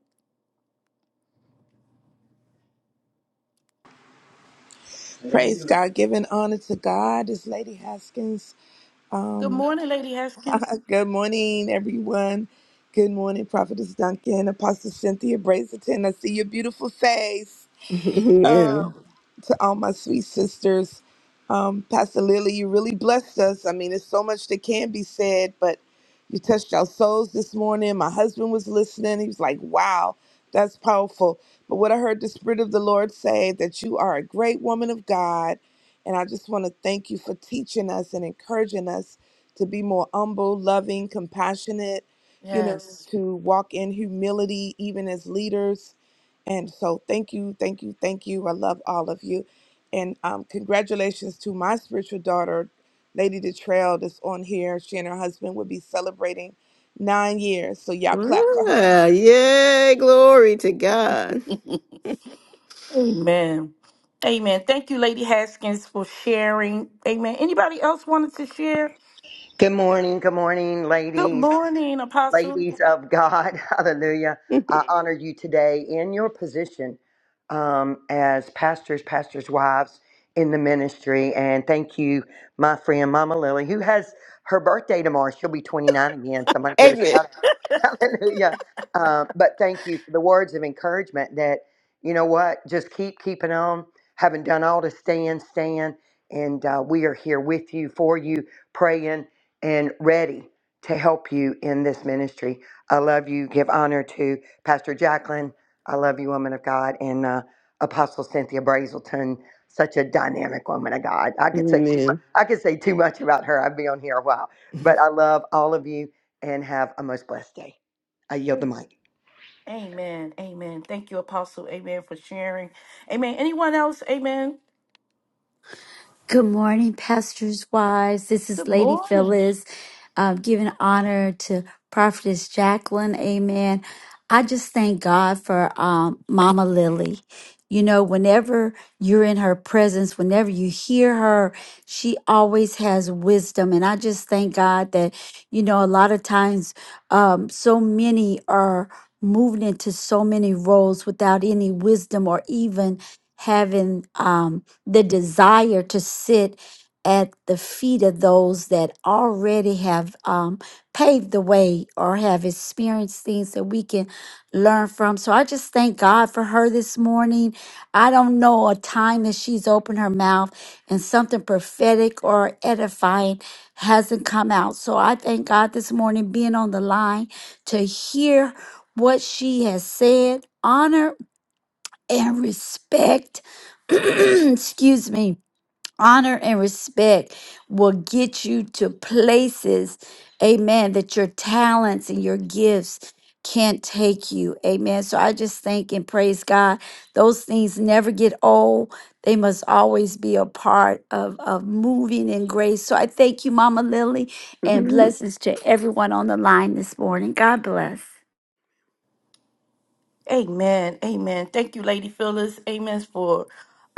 [SPEAKER 8] Praise God, giving honor to God. This Lady Haskins.
[SPEAKER 1] Good
[SPEAKER 8] Um,
[SPEAKER 1] morning, Lady Haskins.
[SPEAKER 8] [LAUGHS] good morning, everyone. Good morning, Prophetess Duncan, Apostle Cynthia Brazelton. I see your beautiful face.
[SPEAKER 2] [LAUGHS] yeah.
[SPEAKER 8] to all my sweet sisters. Um, Pastor Lily, you really blessed us. I mean, there's so much that can be said, but you touched our souls this morning. My husband was listening. He was like, wow, that's powerful. But what I heard the Spirit of the Lord say that you are a great woman of God. And I just want to thank you for teaching us and encouraging us to be more humble, loving, compassionate, you know,
[SPEAKER 1] Yes.
[SPEAKER 8] to walk in humility, even as leaders and so, thank you, thank you, thank you. I love all of you. And um, congratulations to my spiritual daughter, Lady Detrail, that's on here. She and her husband will be celebrating nine years. So, y'all clap for her.
[SPEAKER 2] Ah, yay, glory to God.
[SPEAKER 1] [LAUGHS]
[SPEAKER 2] [LAUGHS]
[SPEAKER 1] Amen. Amen. Thank you, Lady Haskins, for sharing. Amen. Anybody else wanted to share?
[SPEAKER 9] Good morning, good morning,
[SPEAKER 1] Good
[SPEAKER 9] ladies,
[SPEAKER 1] morning, Apostle.
[SPEAKER 9] ladies of God. [LAUGHS] Hallelujah. I honor you today in your position um, as pastors, pastors' wives in the ministry. And thank you, my friend, Mama Lily, who has her birthday tomorrow. She'll be 29 again. Somebody give a shout
[SPEAKER 2] Amen.
[SPEAKER 9] Hallelujah. Uh, but thank you for the words of encouragement that, you know what, just keep keeping on. Having done all to stand, stand. And uh, we are here with you, for you, praying and ready to help you in this ministry. I love you. Give honor to Pastor Jacqueline. I love you, woman of God. And uh, Apostle Cynthia Brazelton, such a dynamic woman of God. I could say too much.
[SPEAKER 2] Amen.
[SPEAKER 9] I could say too much about her. I'd be on here a while. But I love all of you and have a most blessed day. I yield the mic.
[SPEAKER 1] Amen. Amen. Thank you, Apostle. Amen, for sharing. Amen. Anyone else? Amen.
[SPEAKER 3] Good morning, pastors' wives. This is
[SPEAKER 1] Good
[SPEAKER 3] Lady
[SPEAKER 1] morning.
[SPEAKER 3] Phyllis, um, giving honor to Prophetess Jacqueline. Amen. I just thank God for um, Mama Lily. You know, whenever you're in her presence, whenever you hear her, she always has wisdom. And I just thank God that, you know, a lot of times um, so many are moving into so many roles without any wisdom or even having um, the desire to sit at the feet of those that already have um, paved the way or have experienced things that we can learn from. So I just thank God for her this morning. I don't know a time that she's opened her mouth and something prophetic or edifying hasn't come out. So I thank God this morning being on the line to hear what she has said. Honor and respect, [CLEARS THROAT] excuse me, honor and respect will get you to places, amen, that your talents and your gifts can't take you. Amen. So I just thank and praise God. Those things never get old. They must always be a part of, of moving in grace. So I thank you, Mama Lily, and
[SPEAKER 2] [LAUGHS]
[SPEAKER 3] blessings to everyone on the line this morning. God bless.
[SPEAKER 1] Amen. Amen. Thank you, Lady Phyllis. Amen for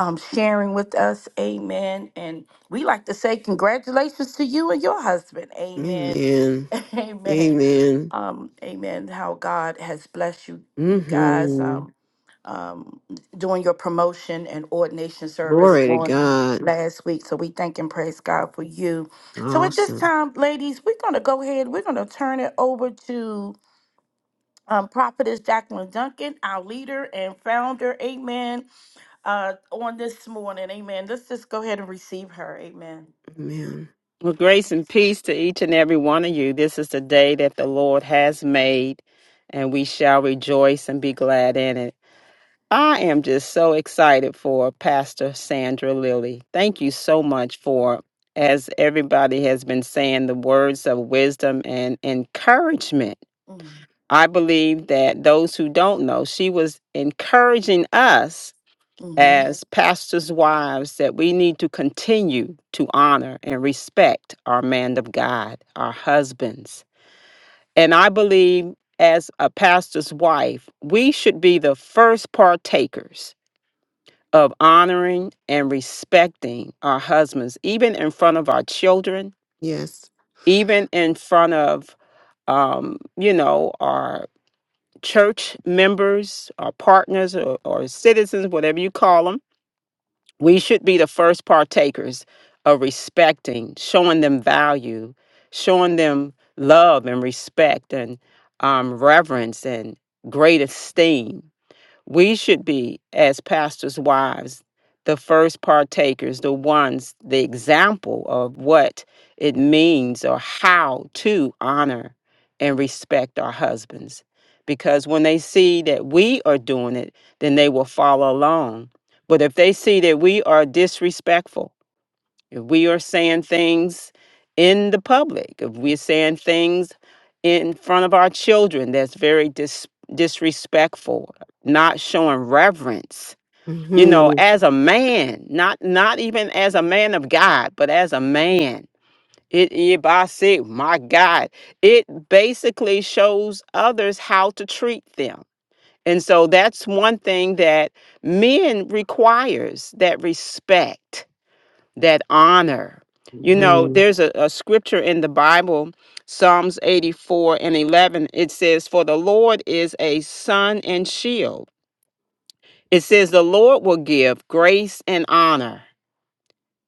[SPEAKER 1] um, sharing with us. Amen. And we like to say congratulations to you and your husband. Amen.
[SPEAKER 2] Amen.
[SPEAKER 1] [LAUGHS] Amen.
[SPEAKER 2] Amen.
[SPEAKER 1] Um, amen. How God has blessed you, you guys.
[SPEAKER 2] Mm-hmm.
[SPEAKER 1] Um, um, doing your promotion and ordination service
[SPEAKER 2] Glory to
[SPEAKER 1] on
[SPEAKER 2] God.
[SPEAKER 1] last week. So we thank and praise God for you. So at this
[SPEAKER 2] Awesome.
[SPEAKER 1] time, ladies, we're going to go ahead. We're going to turn it over to um, Prophetess Jacqueline Duncan, our leader and founder, amen, uh, on this morning, amen. Let's just go ahead and receive her, amen.
[SPEAKER 2] Amen.
[SPEAKER 6] Well, grace and peace to each and every one of you. This is the day that the Lord has made, and we shall rejoice and be glad in it. I am just so excited for Pastor Sandra Lilly. Thank you so much for, as everybody has been saying, the words of wisdom and encouragement.
[SPEAKER 1] Mm-hmm.
[SPEAKER 6] I believe that those who don't know, she was encouraging us
[SPEAKER 1] mm-hmm.
[SPEAKER 6] as pastors' wives that we need to continue to honor and respect our man of God, our husbands. And I believe as a pastor's wife, we should be the first partakers of honoring and respecting our husbands, even in front of our children,
[SPEAKER 2] Yes.
[SPEAKER 6] even in front of, um, you know, our church members, our partners, or, or citizens, whatever you call them. We should be the first partakers of respecting, showing them value, showing them love and respect and um, reverence and great esteem we should be, as pastors' wives, the first partakers, the ones, the example of what it means or how to honor and respect our husbands. Because when they see that we are doing it, then they will follow along. But if they see that we are disrespectful, if we are saying things in the public, if we're saying things in front of our children that's very dis- disrespectful, not showing reverence, you know,
[SPEAKER 2] Mm-hmm.
[SPEAKER 6] as a man, not not even as a man of God, but as a man. It if I say, my God, it basically shows others how to treat them. And so that's one thing that men requires that respect that honor. You know,
[SPEAKER 2] Mm-hmm.
[SPEAKER 6] there's a, a scripture in the Bible, Psalms 84 and 11. It says, For the Lord is a sun and shield. It says, The Lord will give grace and honor.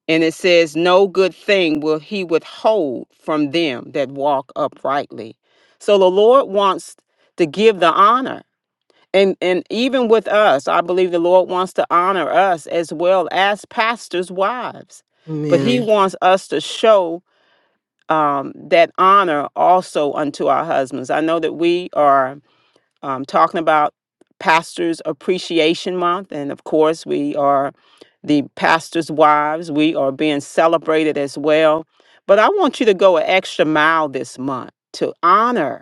[SPEAKER 6] And it says, No good thing will he withhold from them that walk uprightly. So the Lord wants to give the honor and and even with us i believe the lord wants to honor us as well as pastors wives but he Amen.
[SPEAKER 2] Amen.
[SPEAKER 6] wants us to show um, that honor also unto our husbands i know that we are um, talking about pastors appreciation month and of course we are the pastors wives we are being celebrated as well but i want you to go an extra mile this month to honor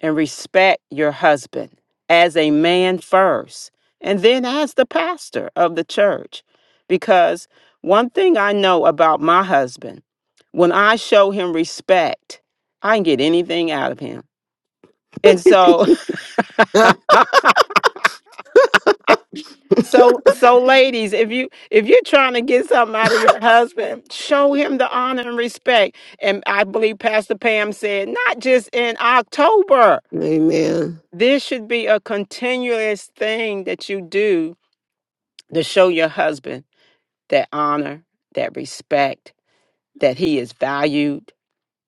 [SPEAKER 6] and respect your husband as a man first, and then as the pastor of the church. Because one thing I know about my husband, when I show him respect, I can get anything out of him. And so,
[SPEAKER 2] [LAUGHS]
[SPEAKER 6] [LAUGHS] so, so, ladies, if you if you're trying to get something out of your husband, show him the honor and respect. And I believe Pastor Pam said, not just in October.
[SPEAKER 2] Amen.
[SPEAKER 6] This should be a continuous thing that you do to show your husband that honor, that respect, that he is valued,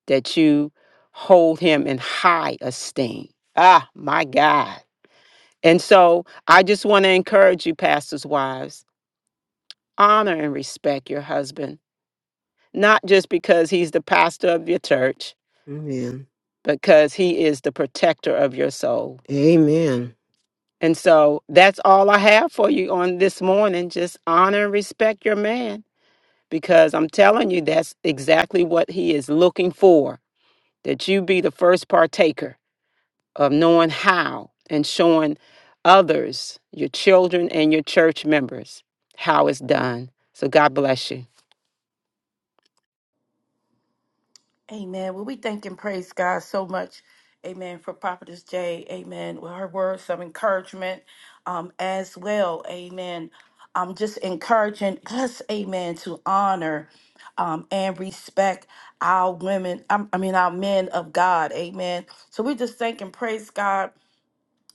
[SPEAKER 6] that you hold him in high esteem. Ah, my God. And so I just want to encourage you, pastors' wives, honor and respect your husband, not just because he's the pastor of your church,
[SPEAKER 2] Amen.
[SPEAKER 6] but because he is the protector of your soul.
[SPEAKER 2] Amen.
[SPEAKER 6] And so that's all I have for you on this morning. Just honor and respect your man because I'm telling you, that's exactly what he is looking for that you be the first partaker of knowing how and showing others, your children, and your church members how it's done. So God bless you.
[SPEAKER 1] Amen. Well, we thank and praise God so much, amen, for Prophetess Jay, amen, with her words of encouragement um, as well, amen. I'm just encouraging us, amen, to honor um, and respect our women, I I mean, our men of God, amen. So we just thank and praise God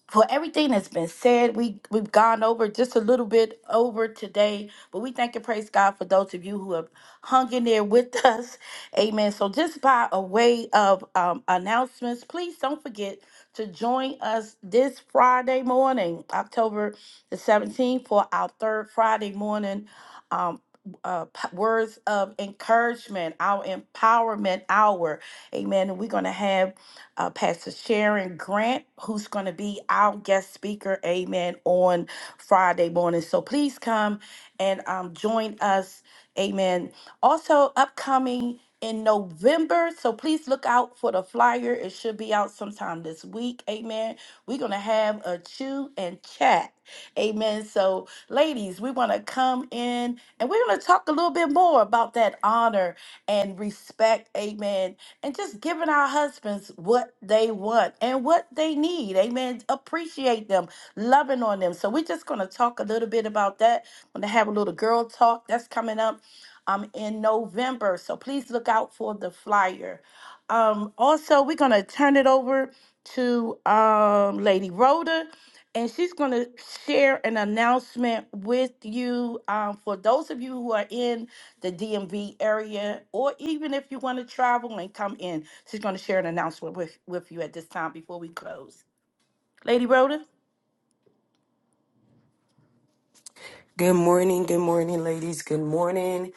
[SPEAKER 1] for everything that's been said. We we've gone over just a little bit over today, but we thank and praise God for those of you who have hung in there with [LAUGHS] us. Amen. So just by a way of um, announcements, please don't forget to join us this Friday morning, October the 17th, for our third Friday morning. Um, uh, p- words of encouragement, our empowerment hour. Amen. And we're going to have uh, Pastor Sharon Grant, who's going to be our guest speaker, amen, on Friday morning. So please come and um, join us, amen. Also, upcoming in November, so please look out for the flyer. It should be out sometime this week, amen. We're going to have a chew and chat, amen. So, ladies, we want to come in and we're going to talk a little bit more about that honor and respect, amen and just giving our husbands what they want and what they need. Amen. Appreciate them, loving on them. So we're just going to talk a little bit about that. I'm going to have a little girl talk that's coming up um, in November. So please look out for the flyer. Um, also, we're going to turn it over to um, Lady Rhoda. And she's going to share an announcement with you um, for those of you who are in the DMV area, or even if you want to travel and come in. She's going to share an announcement with, with you at this time before we close. Lady Rhoda?
[SPEAKER 10] Good morning, good morning, ladies. Good morning.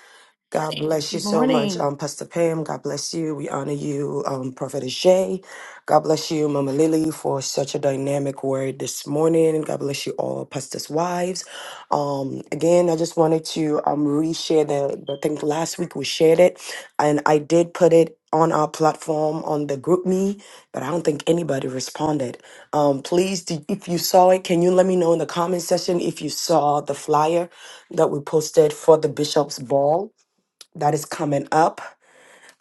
[SPEAKER 10] God bless you
[SPEAKER 1] Good
[SPEAKER 10] so much,
[SPEAKER 1] morning.
[SPEAKER 10] um, Pastor Pam. God bless you. We honor you, um, Prophet Shay. God bless you, Mama Lily, for such a dynamic word this morning. God bless you all, Pastor's wives. Um, again, I just wanted to um, reshare the, the- I think last week we shared it, and I did put it on our platform on the group me, but I don't think anybody responded. Um, please, do- if you saw it, can you let me know in the comment section if you saw the flyer that we posted for the Bishop's Ball? that is coming up.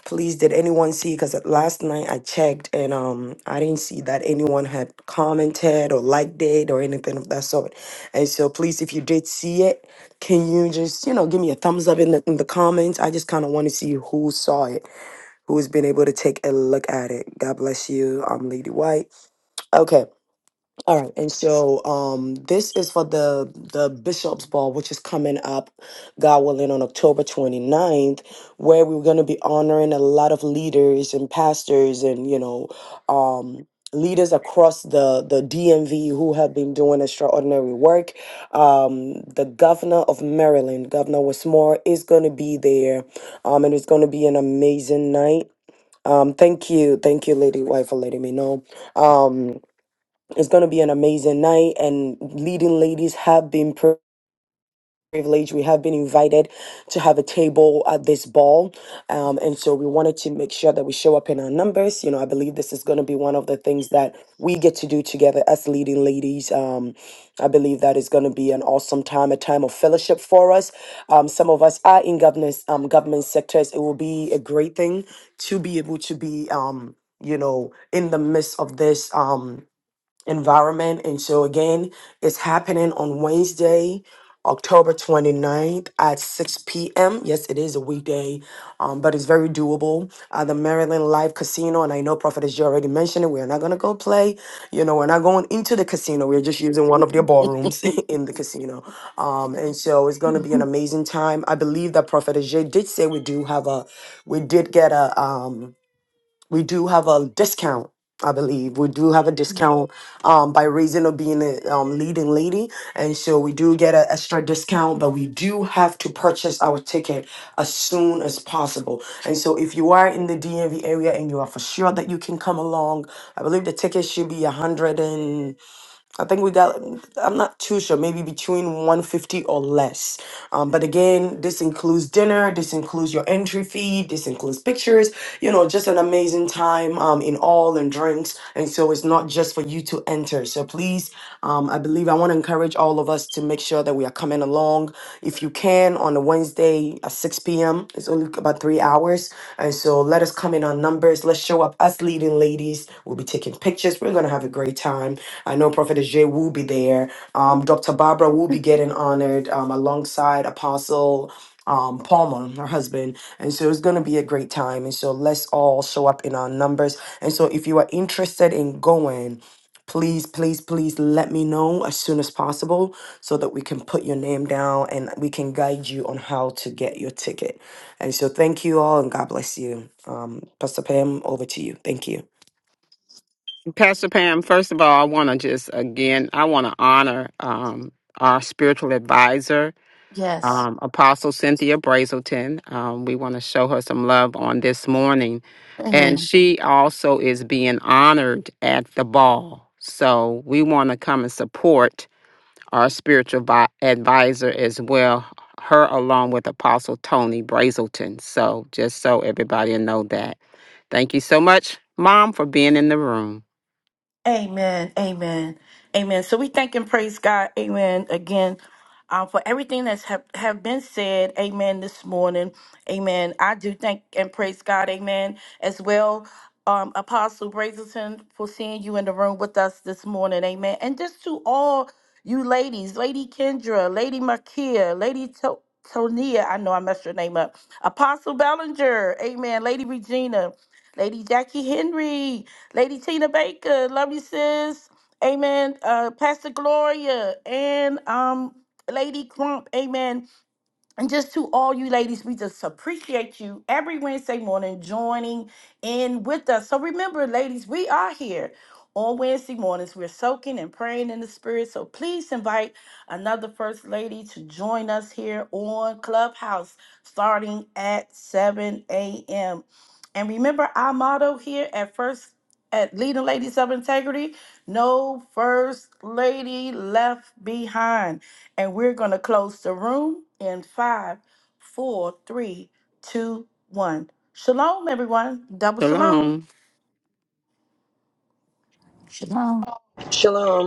[SPEAKER 10] Please, did anyone see? Because last night I checked and um I didn't see that anyone had commented or liked it or anything of that sort. And so, please, if you did see it, can you just you know give me a thumbs up in the in the comments? I just kind of want to see who saw it, who's been able to take a look at it. God bless you. I'm Lady White. Okay. All right, and so um, this is for the the Bishop's Ball, which is coming up, God willing, on October 29th, where we're going to be honoring a lot of leaders and pastors and you know um, leaders across the the DMV who have been doing extraordinary work. Um, the governor of Maryland, Governor Westmore, is going to be there, um, and it's going to be an amazing night. Um, thank you, thank you, Lady Wife, for letting me know. Um, it's going to be an amazing night, and leading ladies have been pri- privileged. We have been invited to have a table at this ball. Um, and so we wanted to make sure that we show up in our numbers. You know, I believe this is going to be one of the things that we get to do together as leading ladies. Um, I believe that is going to be an awesome time, a time of fellowship for us. Um, some of us are in governance, um, government sectors. It will be a great thing to be able to be, um, you know, in the midst of this. Um, environment. And so, again, it's happening on Wednesday, October 29th at 6 p.m. Yes, it is a weekday, um, but it's very doable. Uh, the Maryland Live Casino, and I know Prophet as you already mentioned it, we're not going to go play. You know, we're not going into the casino. We're just using one of their ballrooms [LAUGHS] in the casino. Um, and so it's going to be an
[SPEAKER 1] [LAUGHS]
[SPEAKER 10] amazing time. I believe that Prophet Ajay did say we do have a, we did get a, um, we do have a discount i believe we do have a discount um, by reason of being a um, leading lady and so we do get an extra discount but we do have to purchase our ticket as soon as possible and so if you are in the dmv area and you are for sure that you can come along i believe the ticket should be a hundred and. I think we got. I'm not too sure. Maybe between 150 or less. Um, but again, this includes dinner. This includes your entry fee. This includes pictures. You know, just an amazing time. Um, in all and drinks. And so it's not just for you to enter. So please, um, I believe I want to encourage all of us to make sure that we are coming along. If you can on a Wednesday at 6 p.m p.m. It's only about three hours. And so let us come in on numbers. Let's show up. Us leading ladies. We'll be taking pictures. We're going to have a great time. I know Prophetess Jay will be there. Um, Dr. Barbara will be getting honored um, alongside Apostle um, Palmer, her husband. And so it's going to be a great time. And so let's all show up in our numbers. And so if you are interested in going, please, please, please let me know as soon as possible so that we can put your name down and we can guide you on how to get your ticket. And so thank you all and God bless you. Um, Pastor Pam, over to you. Thank you.
[SPEAKER 6] Pastor Pam, first of all, I want to just again, I want to honor um, our spiritual advisor
[SPEAKER 1] yes.
[SPEAKER 6] um, Apostle Cynthia Brazelton. Um, we want to show her some love on this morning. And
[SPEAKER 1] Amen.
[SPEAKER 6] she also is being honored at the ball. So we want to come and support our spiritual vi- advisor as well, her along with Apostle Tony Brazelton. So just so everybody know that. Thank you so much, Mom, for being in the room.
[SPEAKER 1] Amen. Amen. Amen. So we thank and praise God. Amen. Again, um, for everything that's have, have been said. Amen. This morning. Amen. I do thank and praise God. Amen. As well. Um, Apostle Brazelton for seeing you in the room with us this morning. Amen. And just to all you ladies, Lady Kendra, Lady Makia, Lady to- Tonia, I know I messed your name up. Apostle Bellinger, Amen. Lady Regina, Lady Jackie Henry, Lady Tina Baker, love you, sis. Amen. Uh, Pastor Gloria and um, Lady Crump, amen. And just to all you ladies, we just appreciate you every Wednesday morning joining in with us. So remember, ladies, we are here on Wednesday mornings. We're soaking and praying in the spirit. So please invite another first lady to join us here on Clubhouse starting at 7 a.m. And remember our motto here at first at Leading Ladies of Integrity, no first lady left behind. And we're going to close the room in five, four, three, two, one. Shalom, everyone. Double shalom.
[SPEAKER 6] Shalom.
[SPEAKER 3] Shalom.
[SPEAKER 9] Um,